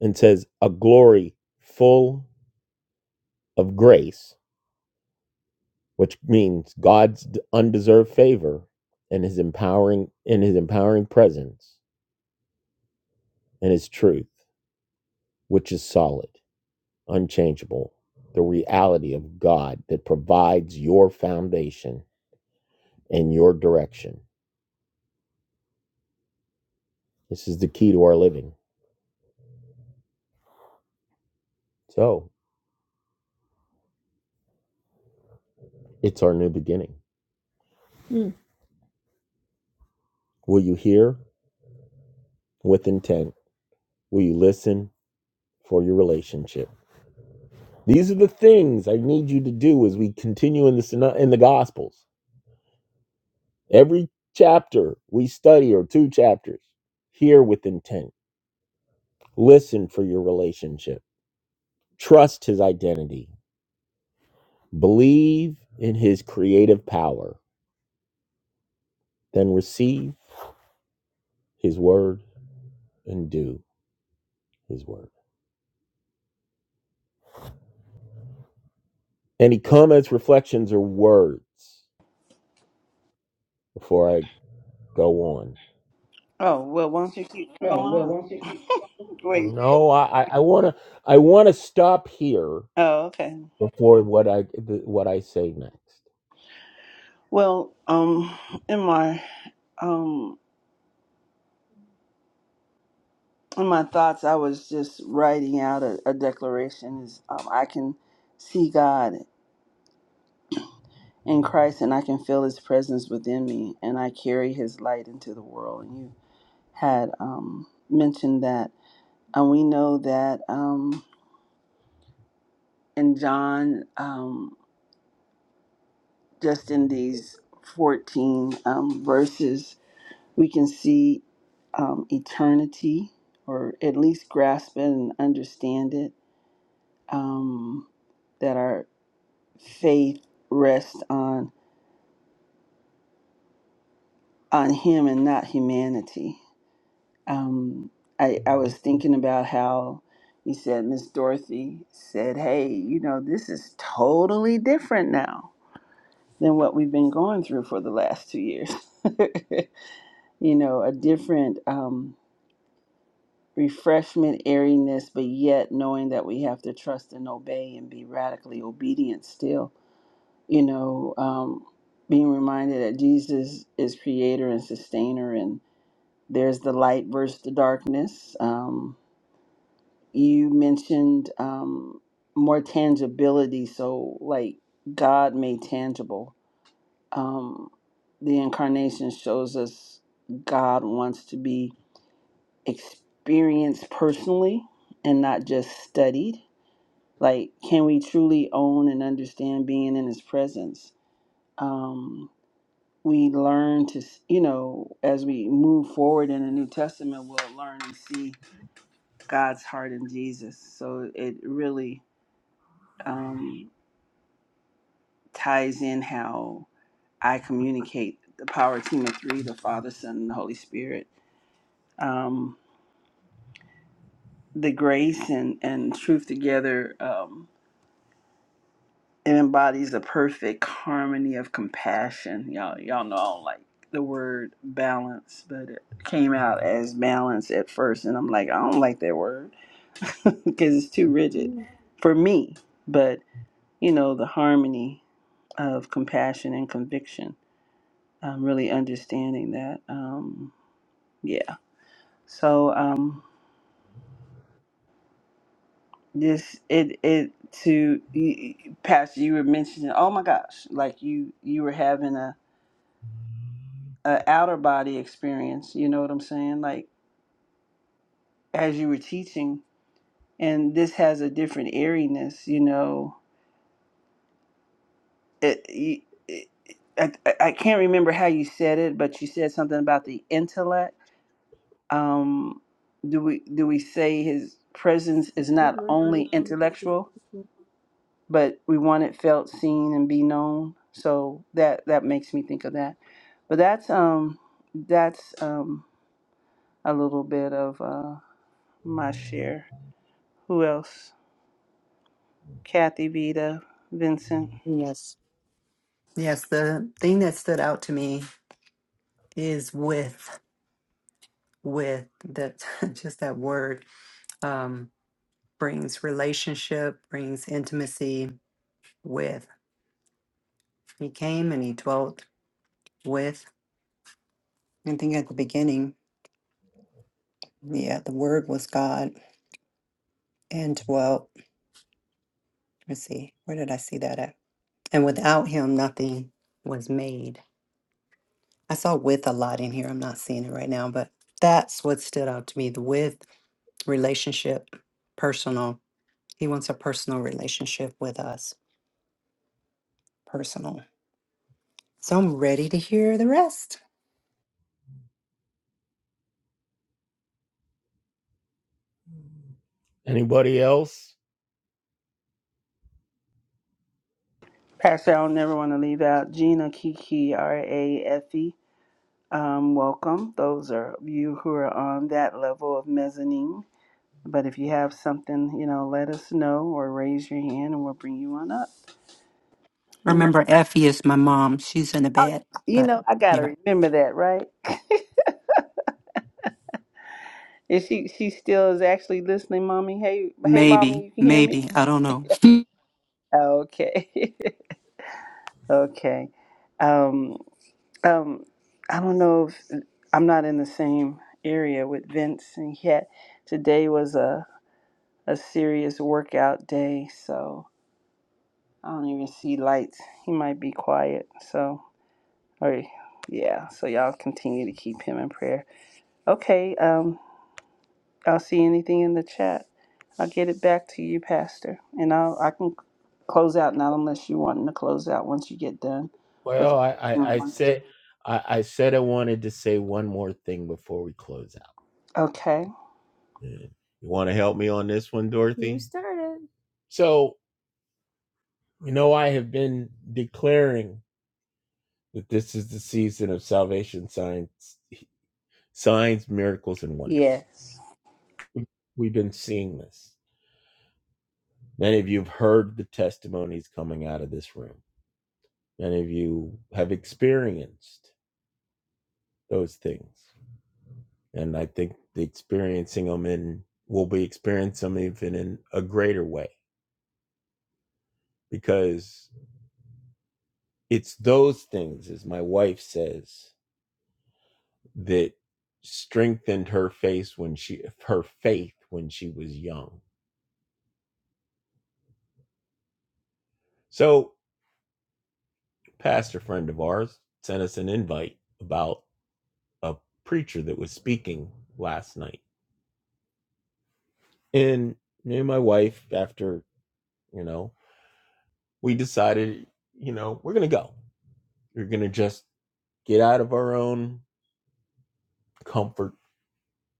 and says, a glory full of grace, which means God's undeserved favor and his empowering in his empowering presence and his truth, which is solid. unchangeable, the reality of God that provides your foundation and your direction. This is the key to our living. So it's our new beginning. Mm. Will you hear with intent? Will you listen for your relationship? These are the things I need you to do as we continue in the Syno- in the Gospels. Every chapter we study, or two chapters, hear with intent, listen for your relationship, trust His identity, Believe in his creative power, then receive his word and do his word. Any comments, reflections, or words before I go on? Oh, well, why don't you keep Oh, going well, on? won't you keep? Wait. No, I, I want to I want to stop here Oh, okay. before what I the, what I say next. Well, um, in my um in my thoughts, I was just writing out a, a declaration. Is um, I can see God in Christ, and I can feel His presence within me, and I carry His light into the world. And you had um mentioned that And we know that um, in John, um, just in these 14 um, verses, we can see um, eternity, or at least grasp it and understand it, um, that our faith rests on, on Him and not humanity. Um, I, I was thinking about how you said Miss Dorothy said, Hey, you know, this is totally different now than what we've been going through for the last two years. you know, a different um, refreshment, airiness, but yet knowing that we have to trust and obey and be radically obedient still. You know, um, being reminded that Jesus is creator and sustainer, and there's the light versus the darkness. Um, you mentioned um, more tangibility, so like God made tangible. Um, the incarnation shows us God wants to be experienced personally and not just studied. Like, can we truly own and understand being in His presence? Um, we learn to, s- you know, as we move forward in the New Testament, we'll learn and see God's heart in Jesus. So it really um, ties in how I communicate the power team of three the Father, Son, and the Holy Spirit. Um, the grace and, and truth together. Um, it embodies a perfect harmony of compassion. Y'all, y'all know I don't like the word balance, but it came out as balance at first, and I'm like, I don't like that word because it's too rigid Mhm. for me. But you know, the harmony of compassion and conviction. i really understanding that. Um, yeah. So. Um, this it it to y- y- pastor you were mentioning oh my gosh like you you were having a, a outer body experience you know what i'm saying like as you were teaching and this has a different airiness you know it, y- it, I, I I can't remember how you said it but you said something about the intellect um do we do we say his presence is Give not more only information to talk to intellectual people. but we want it felt, seen, and be known. So that that makes me think of that. But that's um that's um a little bit of uh my share. Who else? Kathy, Vita, Vincent, Yes. Yes, the thing that stood out to me is with, with that, just that word um, brings relationship, brings intimacy with. He came and he dwelt with. I think at the beginning, yeah, the word was God and dwelt. Let's see, where did I see that at? And without him, nothing was made. I saw with a lot in here. I'm not seeing it right now, but that's what stood out to me the with relationship, personal. He wants a personal relationship with us, personal. So I'm ready to hear the rest. Anybody else? Pastor. I'll never want to leave out Gina, Kiki, R A F E. Um, welcome. Those are you who are on that level of mezzanine. But if you have something, you know, let us know or raise your hand, and we'll bring you on up. Mm. Remember, Effie is my mom. She's in the bed, You but know, I you know, gotta remember that, right? And she she still is actually listening, mommy. Hey, hey, mommy, maybe, you can hear me? maybe I don't know. Okay, okay. Um, um, I don't know if I'm not in the same area with Vince, and yet today was a a serious workout day, so I don't even see lights. He might be quiet, so or yeah. So y'all continue to keep him in prayer. Okay. Um, I'll see anything in the chat. I'll get it back to you, Pastor, and I'll I can close out not unless you want to close out once you get done with. Well, I I, I said I, I said I wanted to say one more thing before we close out. Okay. Yeah. You want to help me on this one, Dorothy? You started. So, you know, I have been declaring that this is the season of salvation signs, signs, miracles, and wonders. Yes. We've been seeing this. Many of you have heard the testimonies coming out of this room. Many of you have experienced those things. And I think the experiencing them in will be experiencing them even in a greater way because it's those things as my wife says that strengthened her face when she her faith when she was young so a pastor friend of ours sent us an invite about a preacher that was speaking last night and me and my wife after you know we decided you know we're gonna go we're gonna just get out of our own comfort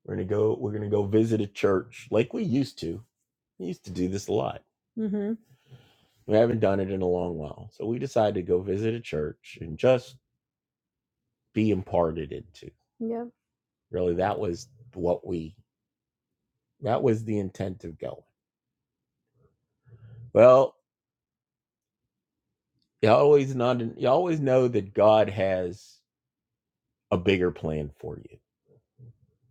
we're gonna go we're gonna go visit a church like we used to we used to do this a lot Mm-hmm. We haven't done it in a long while. So we decided to go visit a church and just be imparted into. Yeah, Really, that was what we, that was the intent of going. Well, you always not, you always know that God has a bigger plan for you.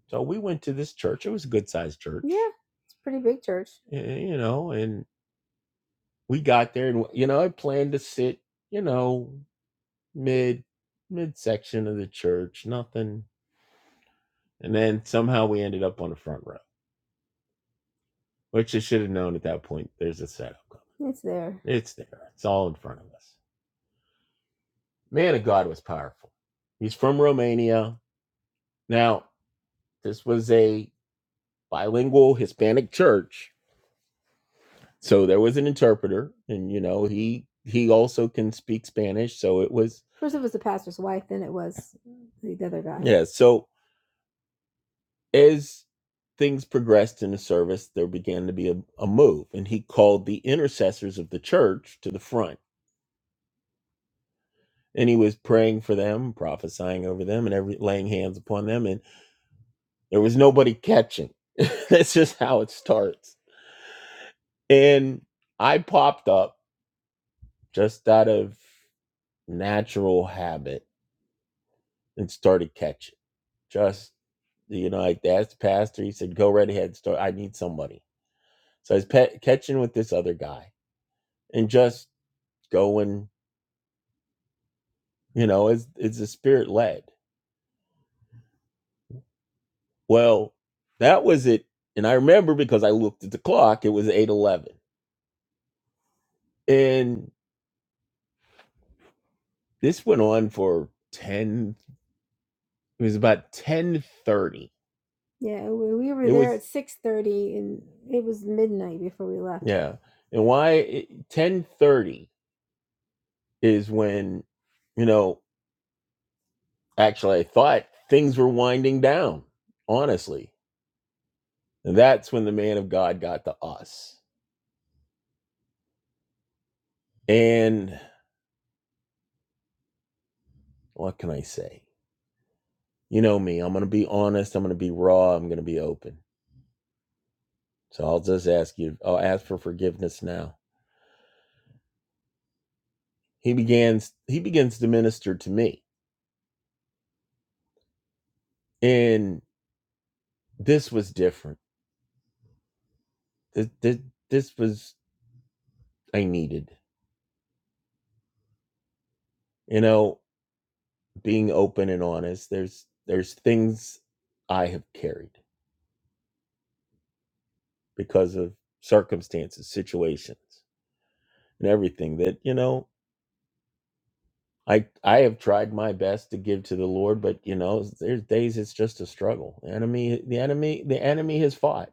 So we went to this church. It was a good sized church. Yeah. It's a pretty big church. eh, you know, and we got there, and you know, I planned to sit, you know, mid mid section of the church, nothing, And then somehow we ended up on the front row, which I should have known at that point. There's a setup coming. It's there. It's there. It's all in front of us. Man of God was powerful. He's from Romania. Now, this was a bilingual Hispanic church. So there was an interpreter and you know, he he also can speak Spanish, so it was First it was the pastor's wife, then it was the other guy. yeah, so as things progressed in the service, there began to be a, a move, and he called the intercessors of the church to the front. And he was praying for them, prophesying over them, and every laying hands upon them. And there was nobody catching. That's just how it starts. And I popped up just out of natural habit and started catching. Just you know, I asked the pastor. He said, "Go right ahead, start. I need somebody." So I was pe- catching with this other guy, and just going, you know, it's it's a spirit led. Well, that was it. And I remember because I looked at the clock, it was 8:11. And this went on for 10 it was about 10:30. Yeah, we we were It there was at six thirty, and it was midnight before we left. yeah. And why it- 10:30 is when you know, actually I thought things were winding down, honestly. And that's when the man of God got to us. and. what can I say? You know me. I'm gonna be honest. I'm gonna be raw. I'm gonna be open. So I'll just ask you. I'll ask for forgiveness now. He begins. He begins to minister to me, and this was different. This this, this was I needed. You know, being open and honest. There's there's things I have carried because of circumstances, situations, and everything that you know. I I have tried my best to give to the Lord, but you know, there's days it's just a struggle. The enemy, the enemy, the enemy has fought,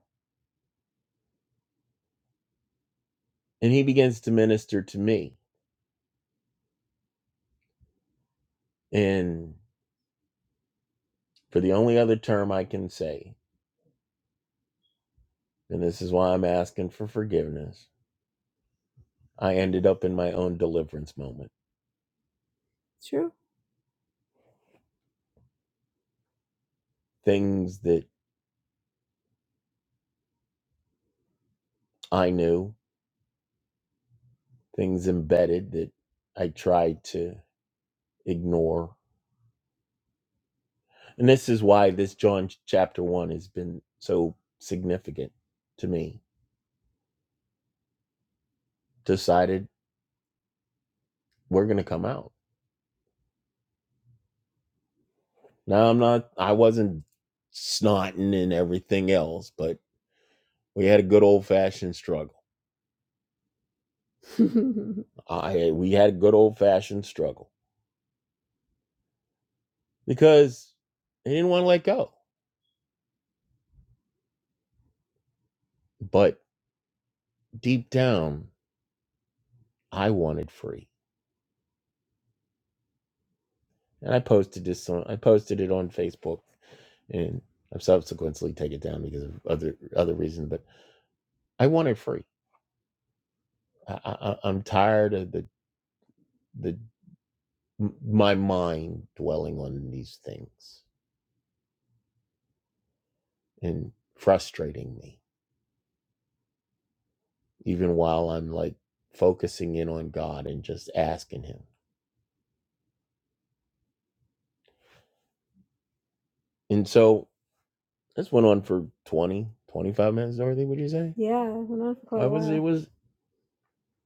and he begins to minister to me. And for the only other term I can say, and this is why I'm asking for forgiveness, I ended up in my own deliverance moment. True. Things that I knew, things embedded that I tried to ignore. And this is why this John chapter one has been so significant to me decided we're gonna come out. Now I'm not I wasn't snotting and everything else, but we had a good old fashioned struggle. I we had a good old fashioned struggle because they didn't want to let go. But deep down, I wanted free. And I posted this on I posted it on Facebook and I've subsequently taken it down because of other other reasons. But I wanted free. I, I- I'm tired of the the m- my mind dwelling on these things and frustrating me, even while I'm like focusing in on God and just asking Him. And so this went on for twenty, twenty five 25 minutes, Dorothy, would you say? Yeah, it went on for quite I a was, it while. It was,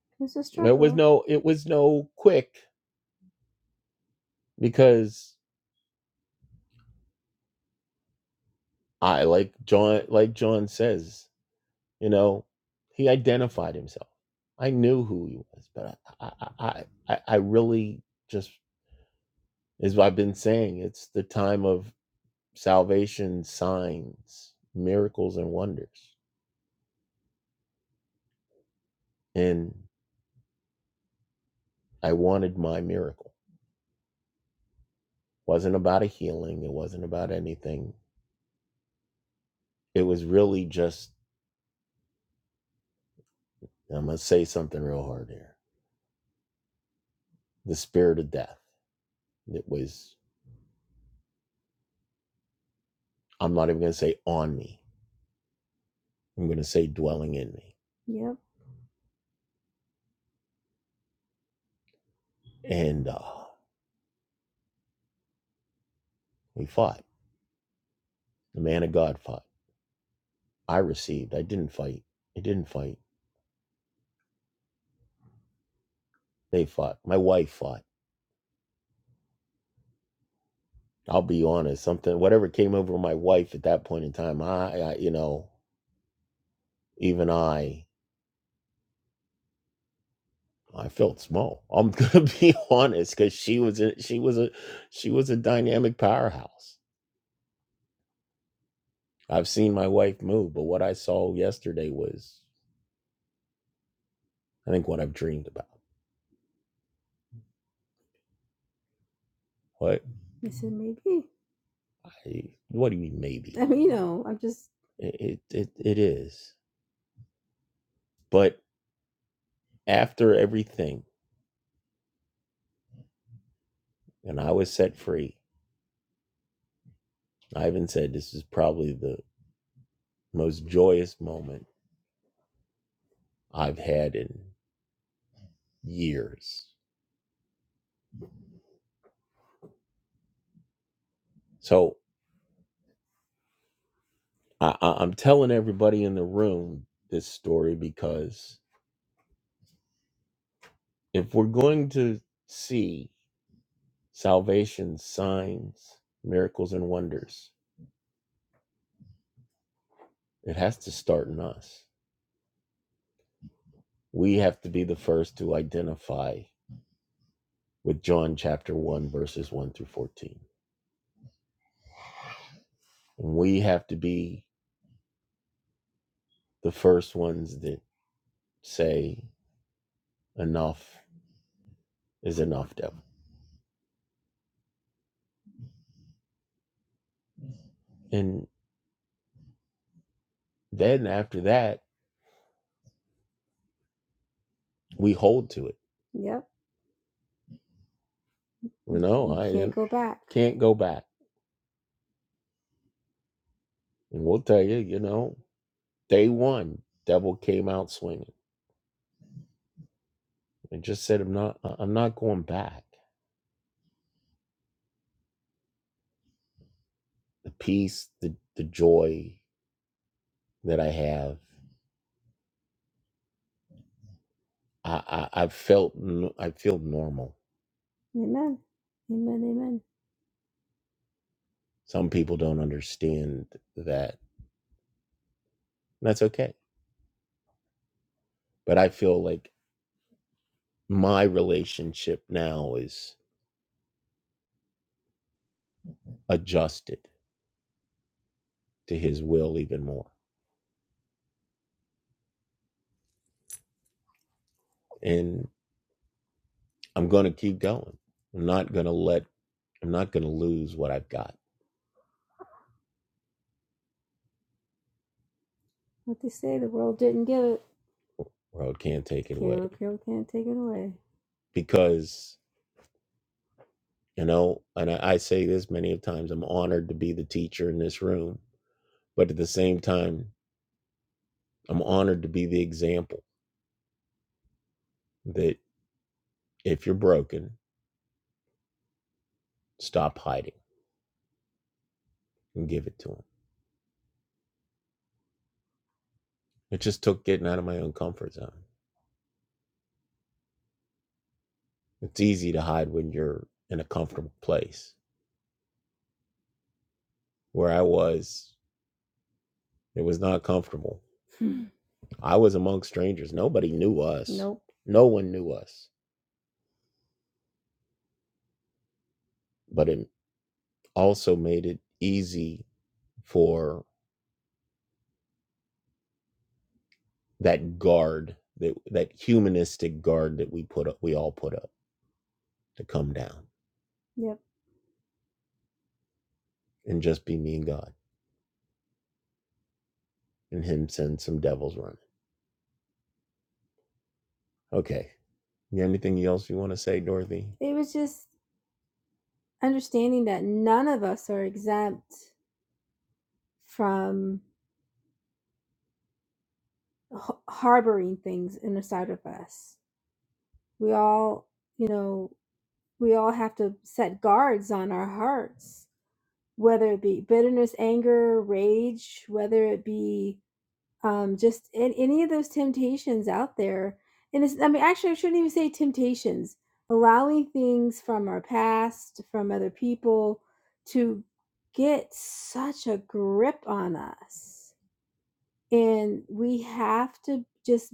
It's a it was no, it was no quick because I, like John, like John says, you know, he identified himself. I knew who he was, but I, I, I I really just is what I've been saying. It's the time of salvation, signs, miracles, and wonders. And I wanted my miracle. It wasn't about a healing. It wasn't about anything. It was really just. I'm gonna say something real hard here. The spirit of death. It was. I'm not even gonna say on me. I'm gonna say dwelling in me. Yep. And uh, we fought. The man of God fought. I received. I didn't fight. I didn't fight. They fought. My wife fought I'll be honest, something whatever came over my wife at that point in time, I, I you know, even I I felt small. I'm gonna be honest, because she was a, she was a she was a dynamic powerhouse. I've seen my wife move, but what I saw yesterday was I think what I've dreamed about. What? You said maybe. I, what do you mean maybe? I mean, you know, I'm just It, it it it is. But after everything, and I was set free. Ivan said this is probably the most joyous moment I've had in years. So I, I, I'm telling everybody in the room this story because if we're going to see salvation signs, miracles, and wonders, it has to start in us. We have to be the first to identify with John chapter 1, verses 1 through 14. And we have to be the first ones that say, Enough is enough, devil. and. Then after that, we hold to it. Yep. You know, You I can't go back. can't go back. And we'll tell you, you know, day one, devil came out swinging and just said, "I'm not, I- am not going back." The peace, the the joy that I have, I I, I felt, I feel normal. Amen. Amen. Amen. Some people don't understand that. And that's okay, but I feel like my relationship now is adjusted to his will even more. And I'm going to keep going. I'm not going to let, I'm not going to lose what I've got. What they say, the world didn't give it. World can't take it away World can't take it away. because, you know, and I, I say this many of times, I'm honored to be the teacher in this room, but at the same time, I'm honored to be the example that if you're broken, stop hiding and give it to him. It just took getting out of my own comfort zone. It's easy to hide when you're in a comfortable place. where I was. It was not comfortable. Hmm. I was among strangers. Nobody knew us. nope. No one knew us. But it also made it easy for that guard, that that humanistic guard that we put up, we all put up to come down Yep. and just be me and God and him send some devils running. Okay. You got anything else you want to say, Dorothy? It was just understanding that none of us are exempt from h- harboring things inside of us. We all, you know, we all have to set guards on our hearts, whether it be bitterness, anger, rage, whether it be um, just in, any of those temptations out there. And it's, I mean, actually, I shouldn't even say temptations, allowing things from our past, from other people to get such a grip on us. And we have to just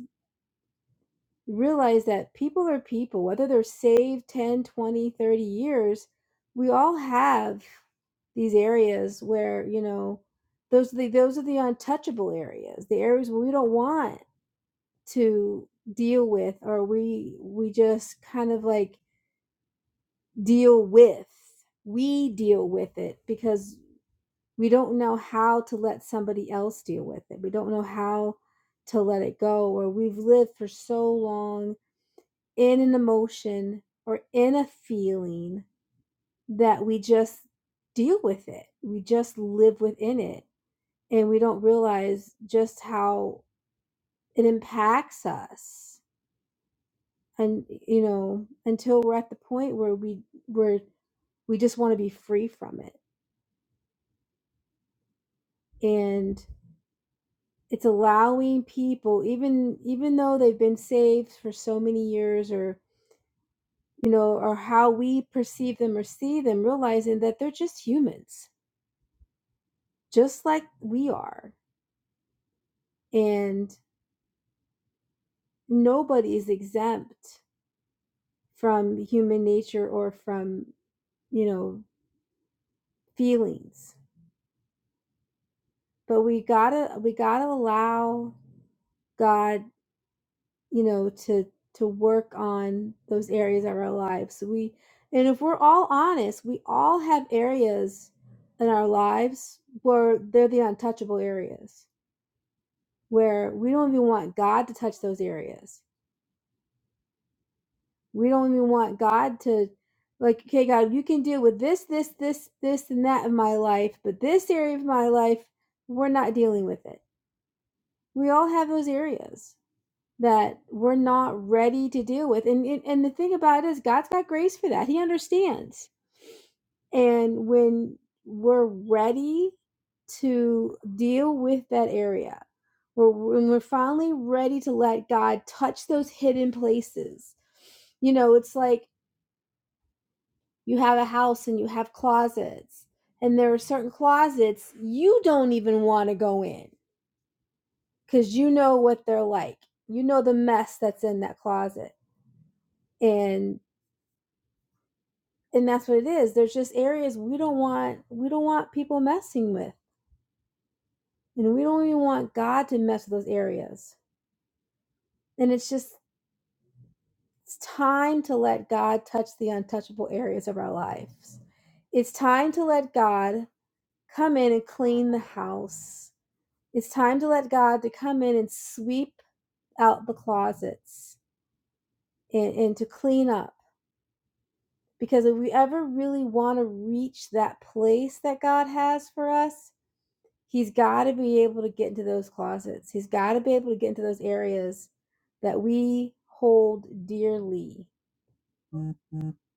realize that people are people whether they're saved 10, 20, 30 years we all have these areas where you know those are the those are the untouchable areas the areas we don't want to deal with or we we just kind of like deal with we deal with it because we don't know how to let somebody else deal with it we don't know how to let it go or we've lived for so long in an emotion or in a feeling that we just deal with it. We just live within it and we don't realize just how it impacts us. And you know, until we're at the point where we where we just want to be free from it. And it's allowing people even even though they've been saved for so many years or you know or how we perceive them or see them realizing that they're just humans just like we are. And nobody is exempt from human nature or from, you know, feelings. But we gotta we gotta allow God, you know, to to work on those areas of our lives. We and if we're all honest, we all have areas in our lives where they're the untouchable areas where we don't even want God to touch those areas We don't even want God to, like, okay, God, you can deal with this, this, this, this, and that in my life, but this area of my life, we're not dealing with it. We all have those areas that we're not ready to deal with. And, and, and the thing about it is, God's got grace for that. He understands. And when we're ready to deal with that area, we're, when we're finally ready to let God touch those hidden places, you know, it's like, you have a house and you have closets and there are certain closets you don't even want to go in because you know what they're like you know the mess that's in that closet and and that's what it is there's just areas we don't want we don't want people messing with and we don't even want god to mess with those areas and it's just it's time to let god touch the untouchable areas of our lives it's time to let god come in and clean the house It's time to let God to come in and sweep out the closets and, and to clean up. Because if we ever really want to reach that place that God has for us, He's got to be able to get into those closets. He's got to be able to get into those areas that we hold dearly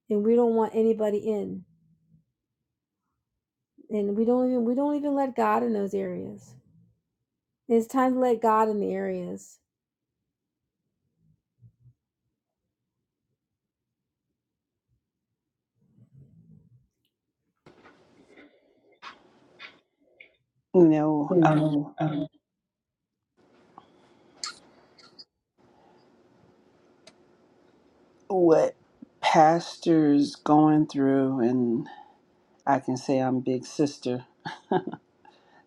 and we don't want anybody in. And we don't even we don't even let God in those areas. It's time to let God in the areas. You know um, what pastors going through, and I can say I'm big sister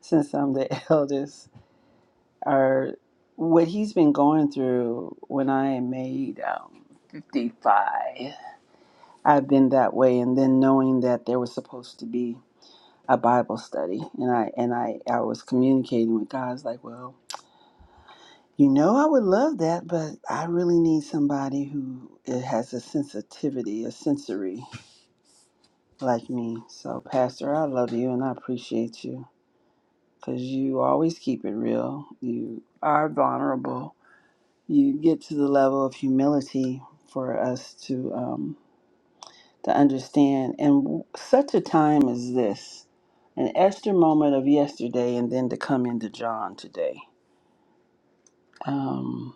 since I'm the eldest. Or what he's been going through when I made um, 55. I've been that way, and then knowing that there was supposed to be a Bible study, and I and I I was communicating with God. I was like, well, you know, I would love that, but I really need somebody who has a sensitivity, a sensory like me. So, Pastor, I love you and I appreciate you because you always keep it real. You are vulnerable. You get to the level of humility for us to um, to understand. And such a time as this, an Esther moment of yesterday, and then to come into John today um,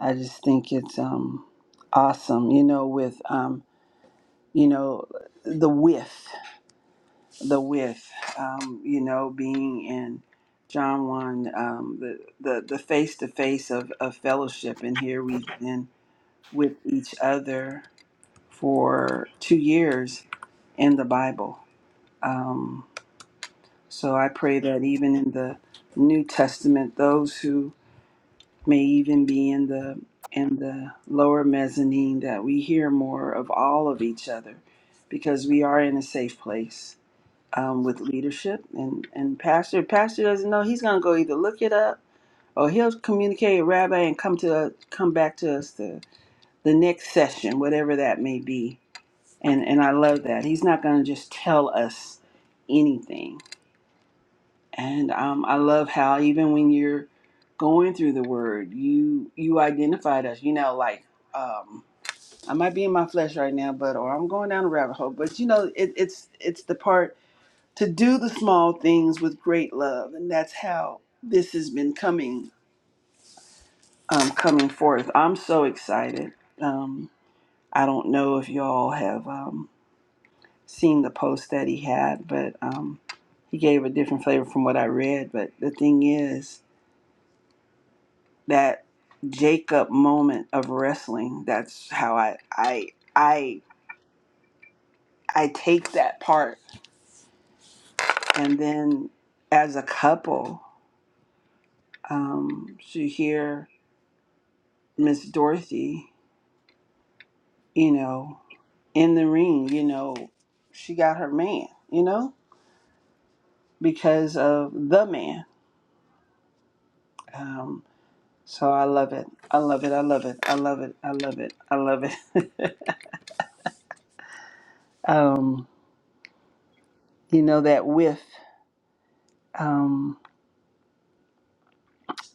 I just think it's um, awesome, you know, with, um, you know, the width, the width, um, you know, being in John 1, um, the, the, the face-to-face of, of fellowship. And here we've been with each other for two years in the Bible. Um, so I pray that even in the New Testament, those who may even be in the in the lower mezzanine that we hear more of all of each other because we are in a safe place um, with leadership and and pastor pastor doesn't know he's going to go either look it up or he'll communicate with rabbi and come to come back to us the, the next session whatever that may be and and i love that he's not going to just tell us anything and um, I love how even when you're going through the word, you you identified us. You know, like um, I might be in my flesh right now, but or I'm going down a rabbit hole. But you know, it, it's it's the part to do the small things with great love, and that's how this has been coming um, coming forth. I'm so excited. Um, I don't know if y'all have um, seen the post that he had, but um, he gave a different flavor from what I read. But the thing is. that Jacob moment of wrestling. That's how I I I I take that part, and then as a couple, um, to hear Miss Dorothy, you know, in the ring, you know, she got her man, you know, because of the man. Um, so I love it. I love it. I love it. I love it. I love it. I love it. um, you know that with.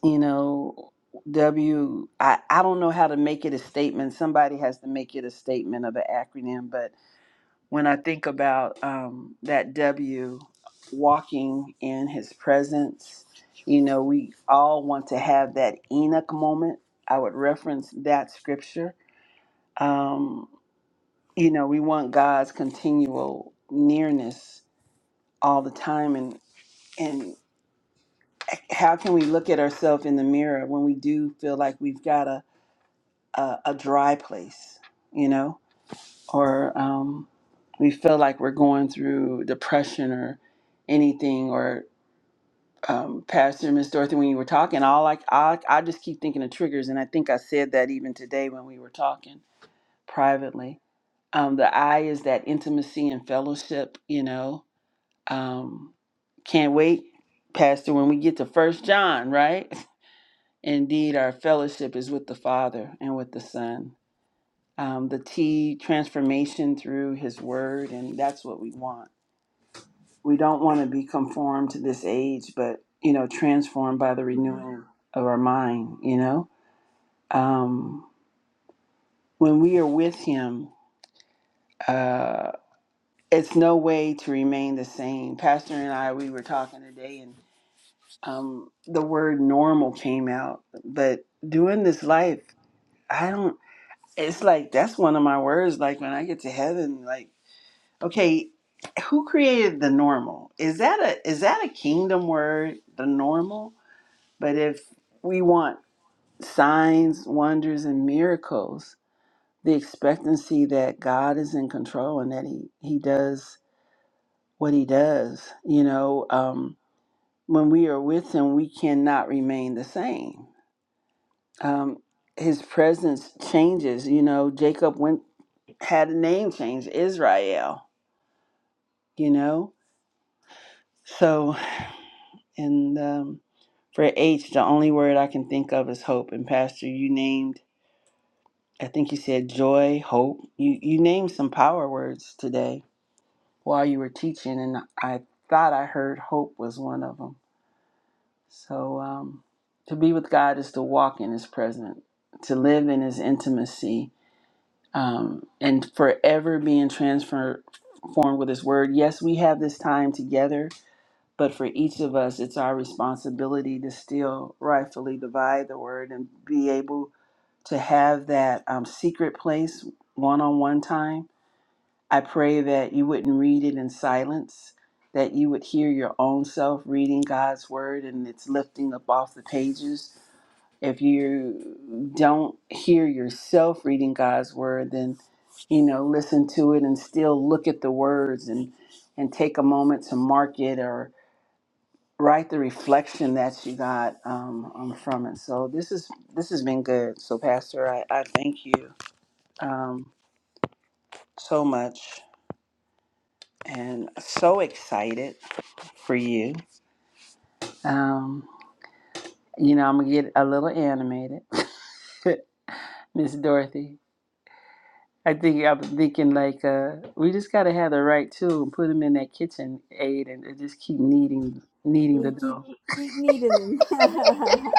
you know w I, I don't know how to make it a statement somebody has to make it a statement of an acronym but when i think about um, that w walking in his presence you know we all want to have that enoch moment i would reference that scripture um, you know we want god's continual nearness all the time and and eh, how can we look at ourselves in the mirror when we do feel like we've got to a, a dry place, you know, or um, we feel like we're going through depression or anything. Or um, Pastor Miss Dorothy, when you were talking, all like I, I just keep thinking of triggers, and I think I said that even today when we were talking privately. Um, the I is that intimacy and fellowship, you know. Um, can't wait, Pastor, when we get to First John, right? Indeed, our fellowship is with the Father and with the Son um, the T transformation through His Word, and that's what we want. We don't want to be conformed to this age, but you know, transformed by the Mm-hmm. renewing of our mind. You know, um, when we are with Him, uh, it's no way to remain the same. Pastor and I, we were talking today, and um, the word "normal" came out. But doing this life, I don't. It's like that's one of my words. Like when I get to heaven, like. Okay, who created the normal? Is that a is that a kingdom word, the normal? But if we want signs, wonders and miracles, the expectancy that God is in control and that he he does what he does, you know, um when we are with him, we cannot remain the same. Um his presence changes, you know, Jacob went had a name change, Israel, you know. So and um For H, the only word I can think of is hope. And Pastor, you named, I think you said joy, hope. You you named some power words today while you were teaching, and I thought I heard hope was one of them. So um, to be with God is to walk in His presence, to live in His intimacy, um, and forever being transformed with His Word. Yes, we have this time together But for each of us, it's our responsibility to still rightfully divide the word and be able to have that um, secret place one on one time. I pray that you wouldn't read it in silence, that you would hear your own self reading God's word and it's lifting up off the pages. If you don't hear yourself reading God's word, then you know, listen to it and still look at the words and and take a moment to mark it right the reflection that you got um, um from it so this is this has been good so pastor i, I thank you um, so much and so excited for you um you know i'm gonna get a little animated miss dorothy i think i'm thinking like uh we just gotta have the right tool and put them in that kitchen aid and, and just keep kneading kneading the We keep dough keep keep needing them.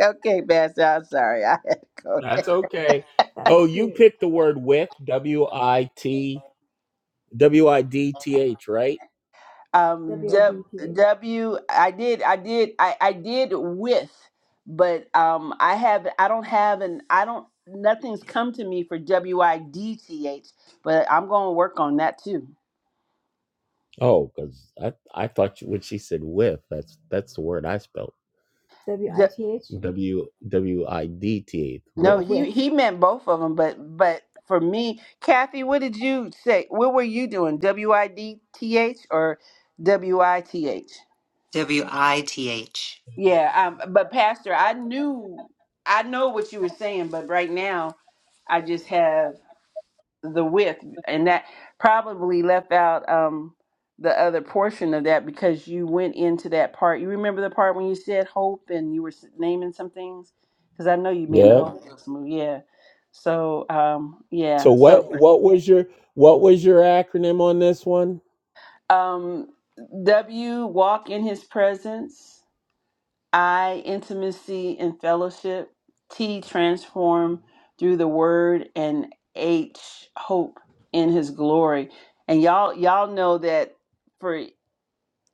okay pastor i'm sorry i had to go That's okay. Oh, you picked the word with, W I T, W I D T H, right? Um, W, W-I-D-T-H. W, I did, I did, I, I did with, but um, I have, I don't have an, I don't, nothing's come to me for W I D T H, but I'm going to work on that too. Oh, because I, I thought you, when she said with, that's that's the word I spelled. D- W-I-T-H? W W I D T H, Oh, with. no, Oh, with. he he meant both of them, but but for me, Kathy, what did you say? What were you doing? W I D T H or W I T H? W I T H. Yeah, um, but Pastor, I knew, I know what you were saying, but right now I just have. the width and that probably left out um the other portion of that because you went into that part you remember the part when you said hope and you were s- naming some things because i know you mean the Yep. hope Ghost movie yeah so um yeah So Yeah. so what what was your what was your acronym on this one? um w walk in his presence I, intimacy and fellowship. T, transform through the word. And H, hope in his glory. And y'all, y'all know that for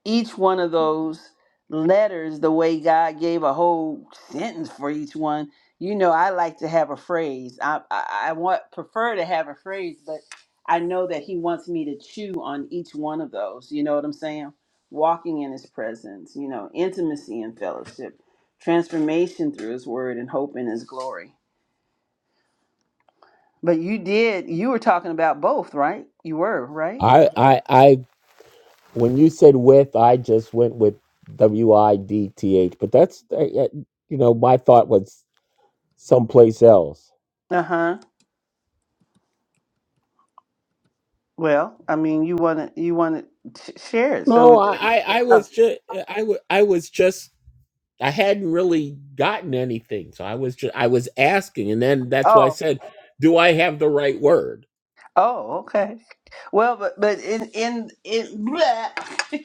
each one of those letters the way God gave a whole sentence for each one. You know, I like to have a phrase. I, I, I want prefer to have a phrase, but I know that He wants me to chew on each one of those. You know what I'm saying? Walking in His presence, you know, intimacy and fellowship, transformation through His Word, and hope in His glory. But you did. You were talking about both, right? You were right. I I I when you said with, I just went with W I D T H. But that's uh, uh, you know my thought was someplace else. Uh huh. Well, I mean, you want to you want to share it, No, so. I, I, I Oh, was just, I w- I was just, I hadn't really gotten anything, so I was just, I was asking, and then that's why I oh, said, "Do I have the right word?" oh, okay. Well, but but in in in bleh.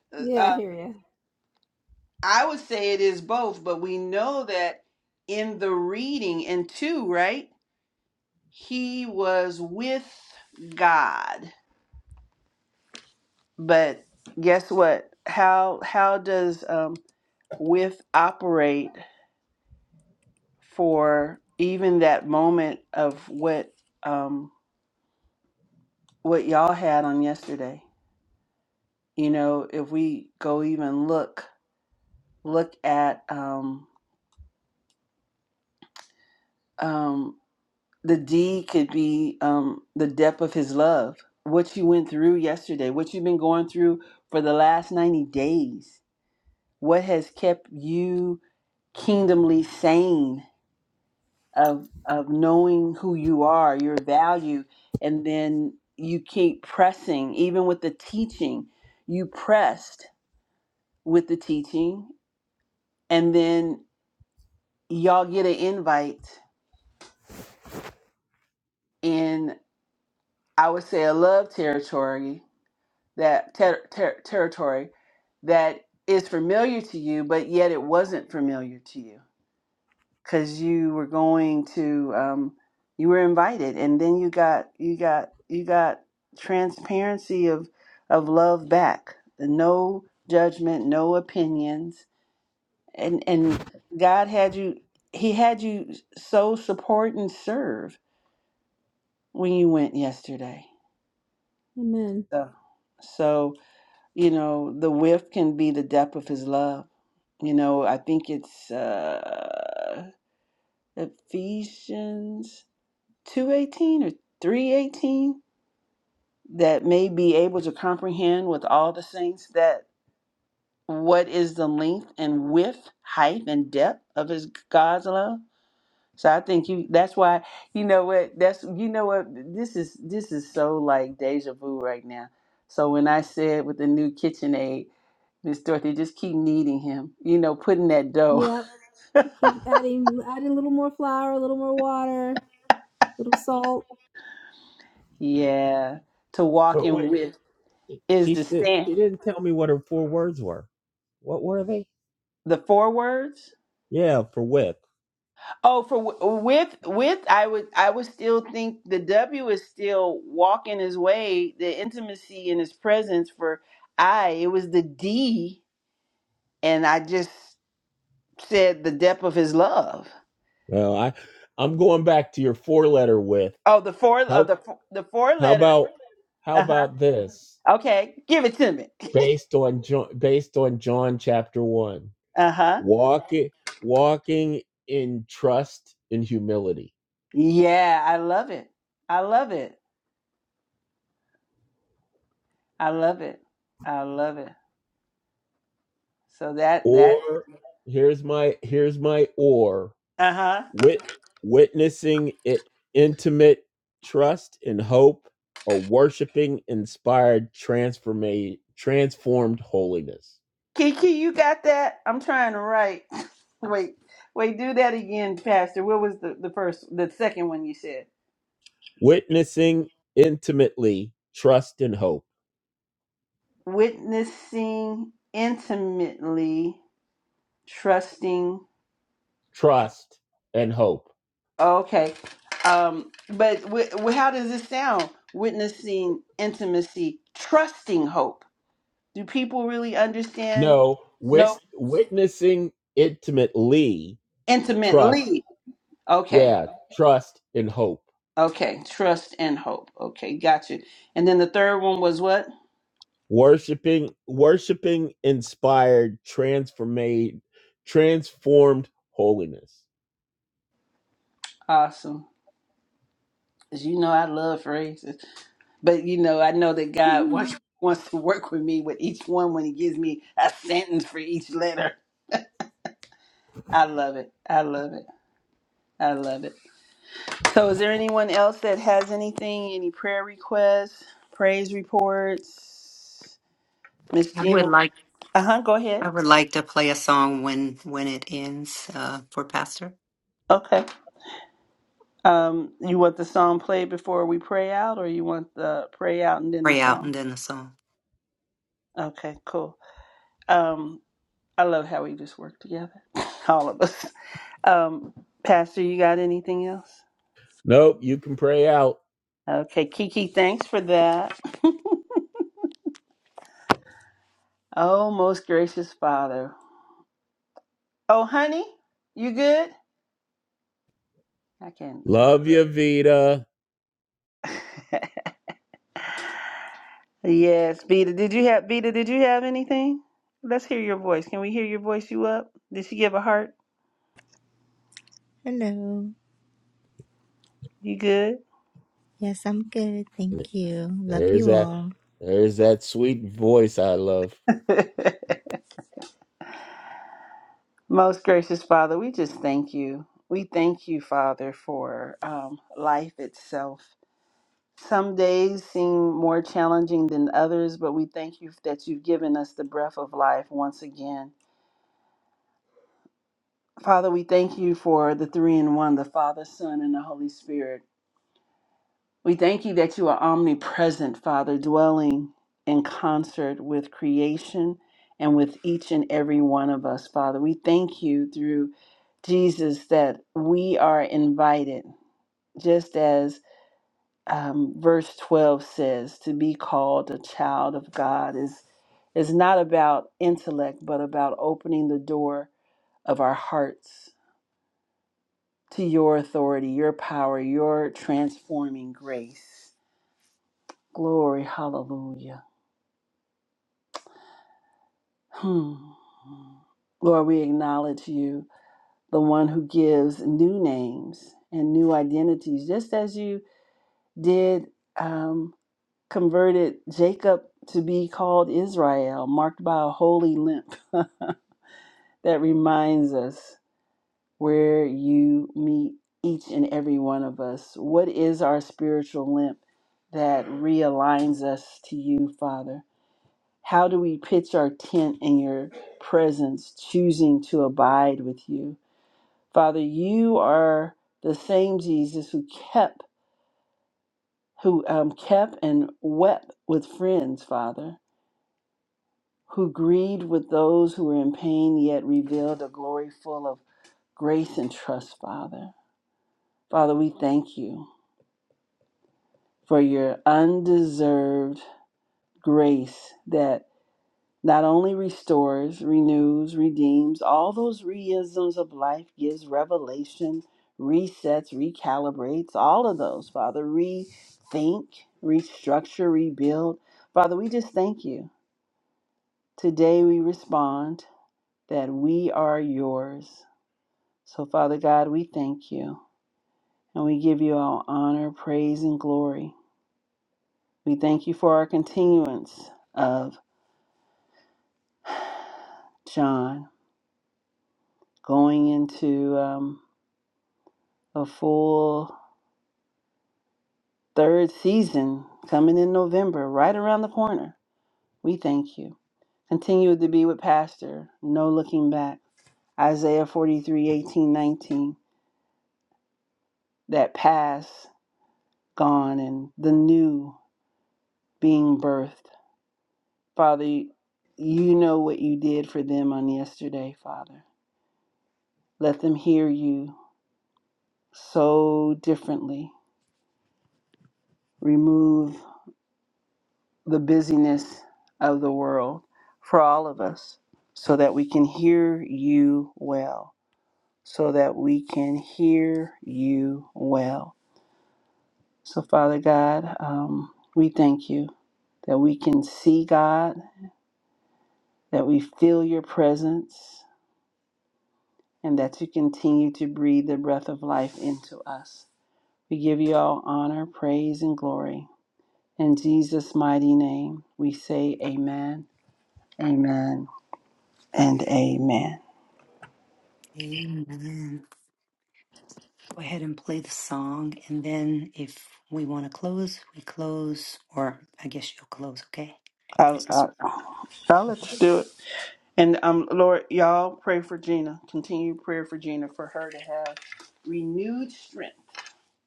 Yeah, I uh, hear you. I would say it is both, but we know that in the reading and two, right? He was with God. But guess what? How how does um with operate for even that moment of what um what y'all had on yesterday? You know, if we go even look look at um, um, the D could be um, the depth of his love, what you went through yesterday, what you've been going through for the last 90 days, what has kept you kingdomly sane of, of knowing who you are, your value, and then you keep pressing, even with the teaching. You pressed with the teaching, and then y'all get an invite I would say a love territory that ter- ter- territory that is familiar to you, but yet it wasn't familiar to you because you were going to um, you were invited, and then you got you got you got transparency of of love back, no judgment, no opinions, and and God had you. He had you so support and serve when you went yesterday. Amen. So, so you know the width can be the depth of his love you know i think it's uh ephesians 218 or 318 that may be able to comprehend with all the saints that what is the length and width height and depth of his god's love so i think you that's why you know what that's you know what this is this is so like deja vu right now so when i said with the new KitchenAid. Miss Dorothy, just keep needing him, you know, putting that dough. Yep. Keep adding, adding a little more flour, a little more water, a little salt. yeah. To walk So in wait, with is she the said she stand. didn't tell me what her four words were. What were they? The four words? Yeah, for with. Oh, for wi- with with I would I would still think the W is still walking his way, the intimacy in his presence for I. It was the D and I just said the depth of his love. Well, I, I'm going back to your four letter with. Oh, the four of How the four- the four How letter. about how Uh-huh. about this? Okay. Give it to me. Based on John, based on John chapter one, Uh-huh. walking walking in trust and humility. Yeah, I love it. I love it. I love it. I love it. So that that Or here's my here's my or uh-huh. wit, witnessing it intimate trust and hope, or worshiping inspired transforma- transformed holiness. Kiki, you got that? I'm trying to write. Wait. Wait, do that again, Pastor. What was the, the first the second one you said? Witnessing intimately trust and hope, Witnessing intimately, trusting. trust and hope Okay. Um but w- how does this sound? Witnessing intimacy, trusting hope. Do people really understand? No, No. wis- witnessing intimately, trust. Intimately. Okay. Yeah, trust and hope. Okay. Trust and hope. Okay. Got you. And then the third one was what? Worshiping, worshiping inspired, transformed, transformed holiness. Awesome. As you know, I love phrases. But you know, I know that God wants, wants to work with me with each one when He gives me a sentence for each letter. I love it. I love it. I love it. So, is there anyone else that has anything, any prayer requests, praise reports? Miss I would, Gina? Uh huh. Go ahead. I would like to play a song when when it ends uh, for Pastor. Okay. Um, you want the song played before we pray out, or you want the pray out and then the Pray out song? and then the song. Okay, cool. Um, I love how we just work together, all of us. Um, Pastor, you got anything else? Nope, you can pray out. Okay, Kiki, thanks for that. oh, most gracious Father. Oh, honey, you good? I can. Love Uh... you, Vita. yes, Beta. Did you have Beta? Did you have anything? Let's hear your voice. Can we hear your voice? You up? Did she give a heart? Hello. You good? Yes, I'm good. Thank you. Love There's you that. all. There's that sweet voice I love. Most gracious Father, we just thank you. We thank you, Father, for um, life itself. Some days seem more challenging than others, but we thank you that you've given us the breath of life once again. Father, we thank you for the three in one the Father, Son, and the Holy Spirit. We thank you that you are omnipresent, Father, dwelling in concert with creation and with each and every one of us, Father. We thank you through Jesus that we are invited, just as um, verse 12 says, to be called a child of God is, is not about intellect, but about opening the door of our hearts to your authority, your power, your transforming grace. Glory, hallelujah. Hmm. Lord, we acknowledge you, the one who gives new names and new identities, just as you did um, converted Jacob to be called Israel, marked by a holy limp that reminds us where you meet each and every one of us. What is our spiritual limp that realigns us to you, Father? How do we pitch our tent in your presence, choosing to abide with you? Father, you are the same Jesus who kept, who um, kept and wept with friends, Father, who grieved with those who were in pain, yet revealed a glory full of grace and trust, Father. Father, we thank you for your undeserved grace that not only restores, renews, redeems, all those reisms of life gives revelation, resets, recalibrates, all of those, Father. Rethink, restructure, rebuild. Father, we just thank you. Today we respond that we are yours. So, Father God, we thank you and we give you all honor, praise, and glory. We thank you for our continuance of John going into um, a full third season coming in November, right around the corner. We thank you. Continue to be with Pastor, no looking back. Isaiah 43 18 19. That past gone and the new being birthed. Father, you know what you did for them on yesterday, Father. Let them hear you so differently. Remove the busyness of the world for all of us so that we can hear you well. so that we can hear you well. So, Father God, um, we thank you that we can see God, that we feel your presence, and that you continue to breathe the breath of life into us. We give you all honor, praise, and glory. In Jesus' mighty name, we say amen, amen, and amen. Amen. Go ahead and play the song, and then if we want to close, we close. Or I guess you'll close. Okay. I'll, Yes. I'll, I'll let you do it. And um, Lord, y'all pray for Gina. Continue prayer for Gina for her to have renewed strength.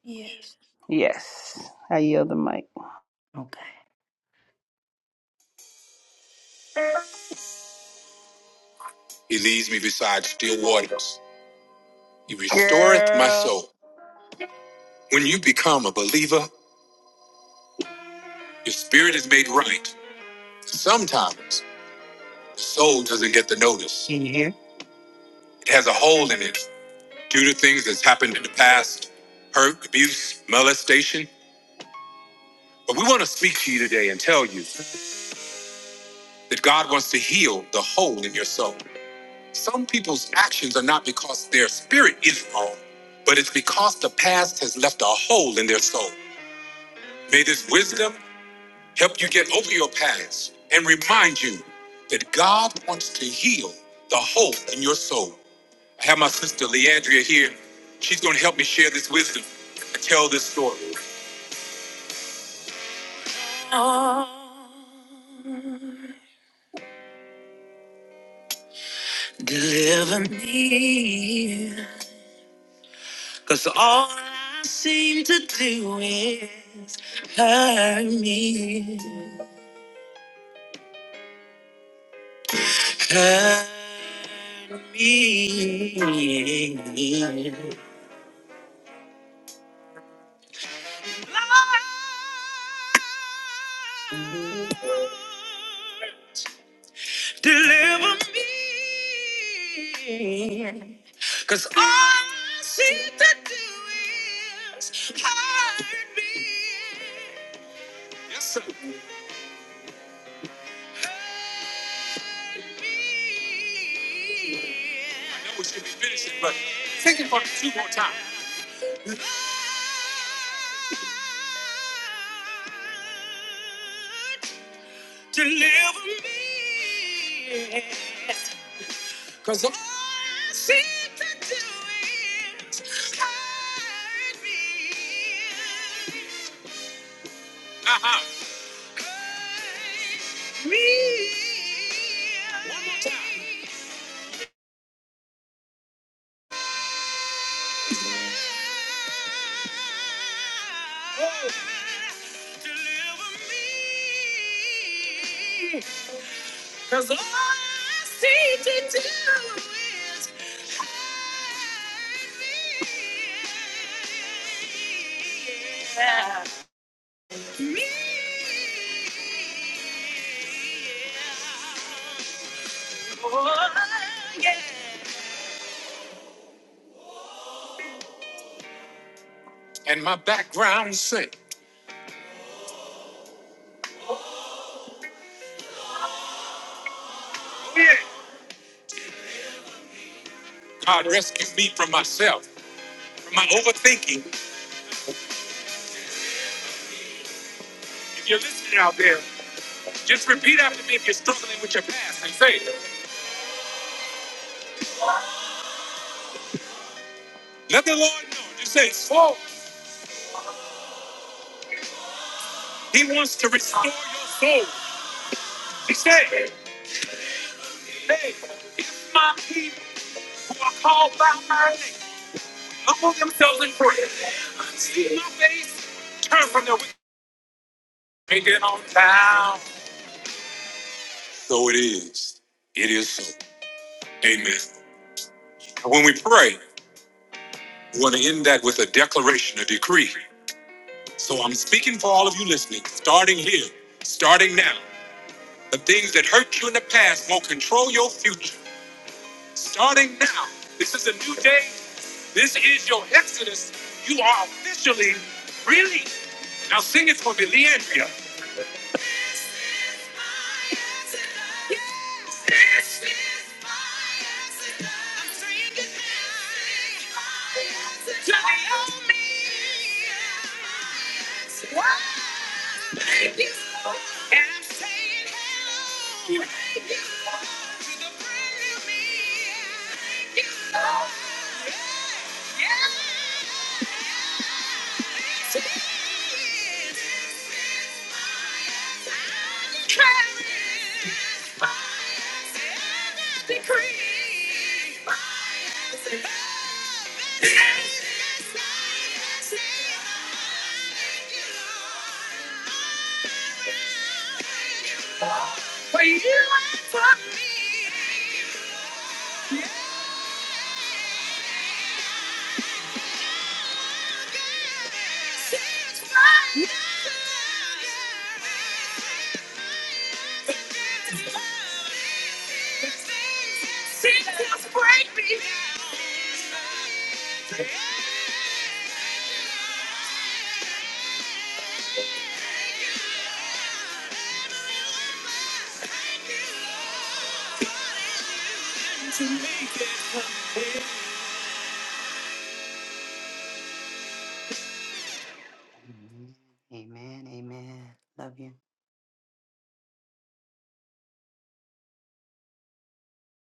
Yes. Yes, I yield the mic. Okay. He leads me beside still waters. He restoreth my Girl. soul. When you become a believer, your spirit is made right. Sometimes the soul doesn't get the notice. Mhm. It has a hole in it due to things that's happened in the past hurt, abuse, molestation. But we want to speak to you today and tell you that God wants to heal the hole in your soul. Some people's actions are not because their spirit is wrong, but it's because the past has left a hole in their soul. May this wisdom help you get over your past, and remind you that God wants to heal the hope in your soul. I have my sister Leandria here. She's going to help me share this wisdom and tell this story. Deliver me, because all I seem to do is hurt me, hurt me. Deliver me. Cause all I seem to do is hurt me. Yes, sir. Hurt me. I know we should be finishing, but take it for two more times. Hurt Deliver me, 'cause all I seek to do is hurt me. Uh-huh. Hurt me. One more time. Oh, Deliver me. Cause all I seem to do is hide me. Yeah. Me. Oh, yeah. And my background sing. God rescued me from myself, from my overthinking. If you're listening out there, just repeat after me if you're struggling with your past and say, let the Lord know. Just say, oh, He wants to restore your. He said, hey, if my people are called by my name, humble themselves in prayer, seek my face, turn from their wicked, make it on down. So it is. It is so. Amen. And When we pray, we want to end that with a declaration, a decree. So I'm speaking for all of you listening, starting here, starting now. The things that hurt you in the past won't control your future. Starting now, this is a new day. This is your Exodus. You are officially released. Now sing it for me, Leandria. Yes, this is this is my decree. By His hand decreed, by His love, this night is mine. Thank you, Lord. I thank you, Lord for you and for me. Yeah. Amen. Amen. Love you.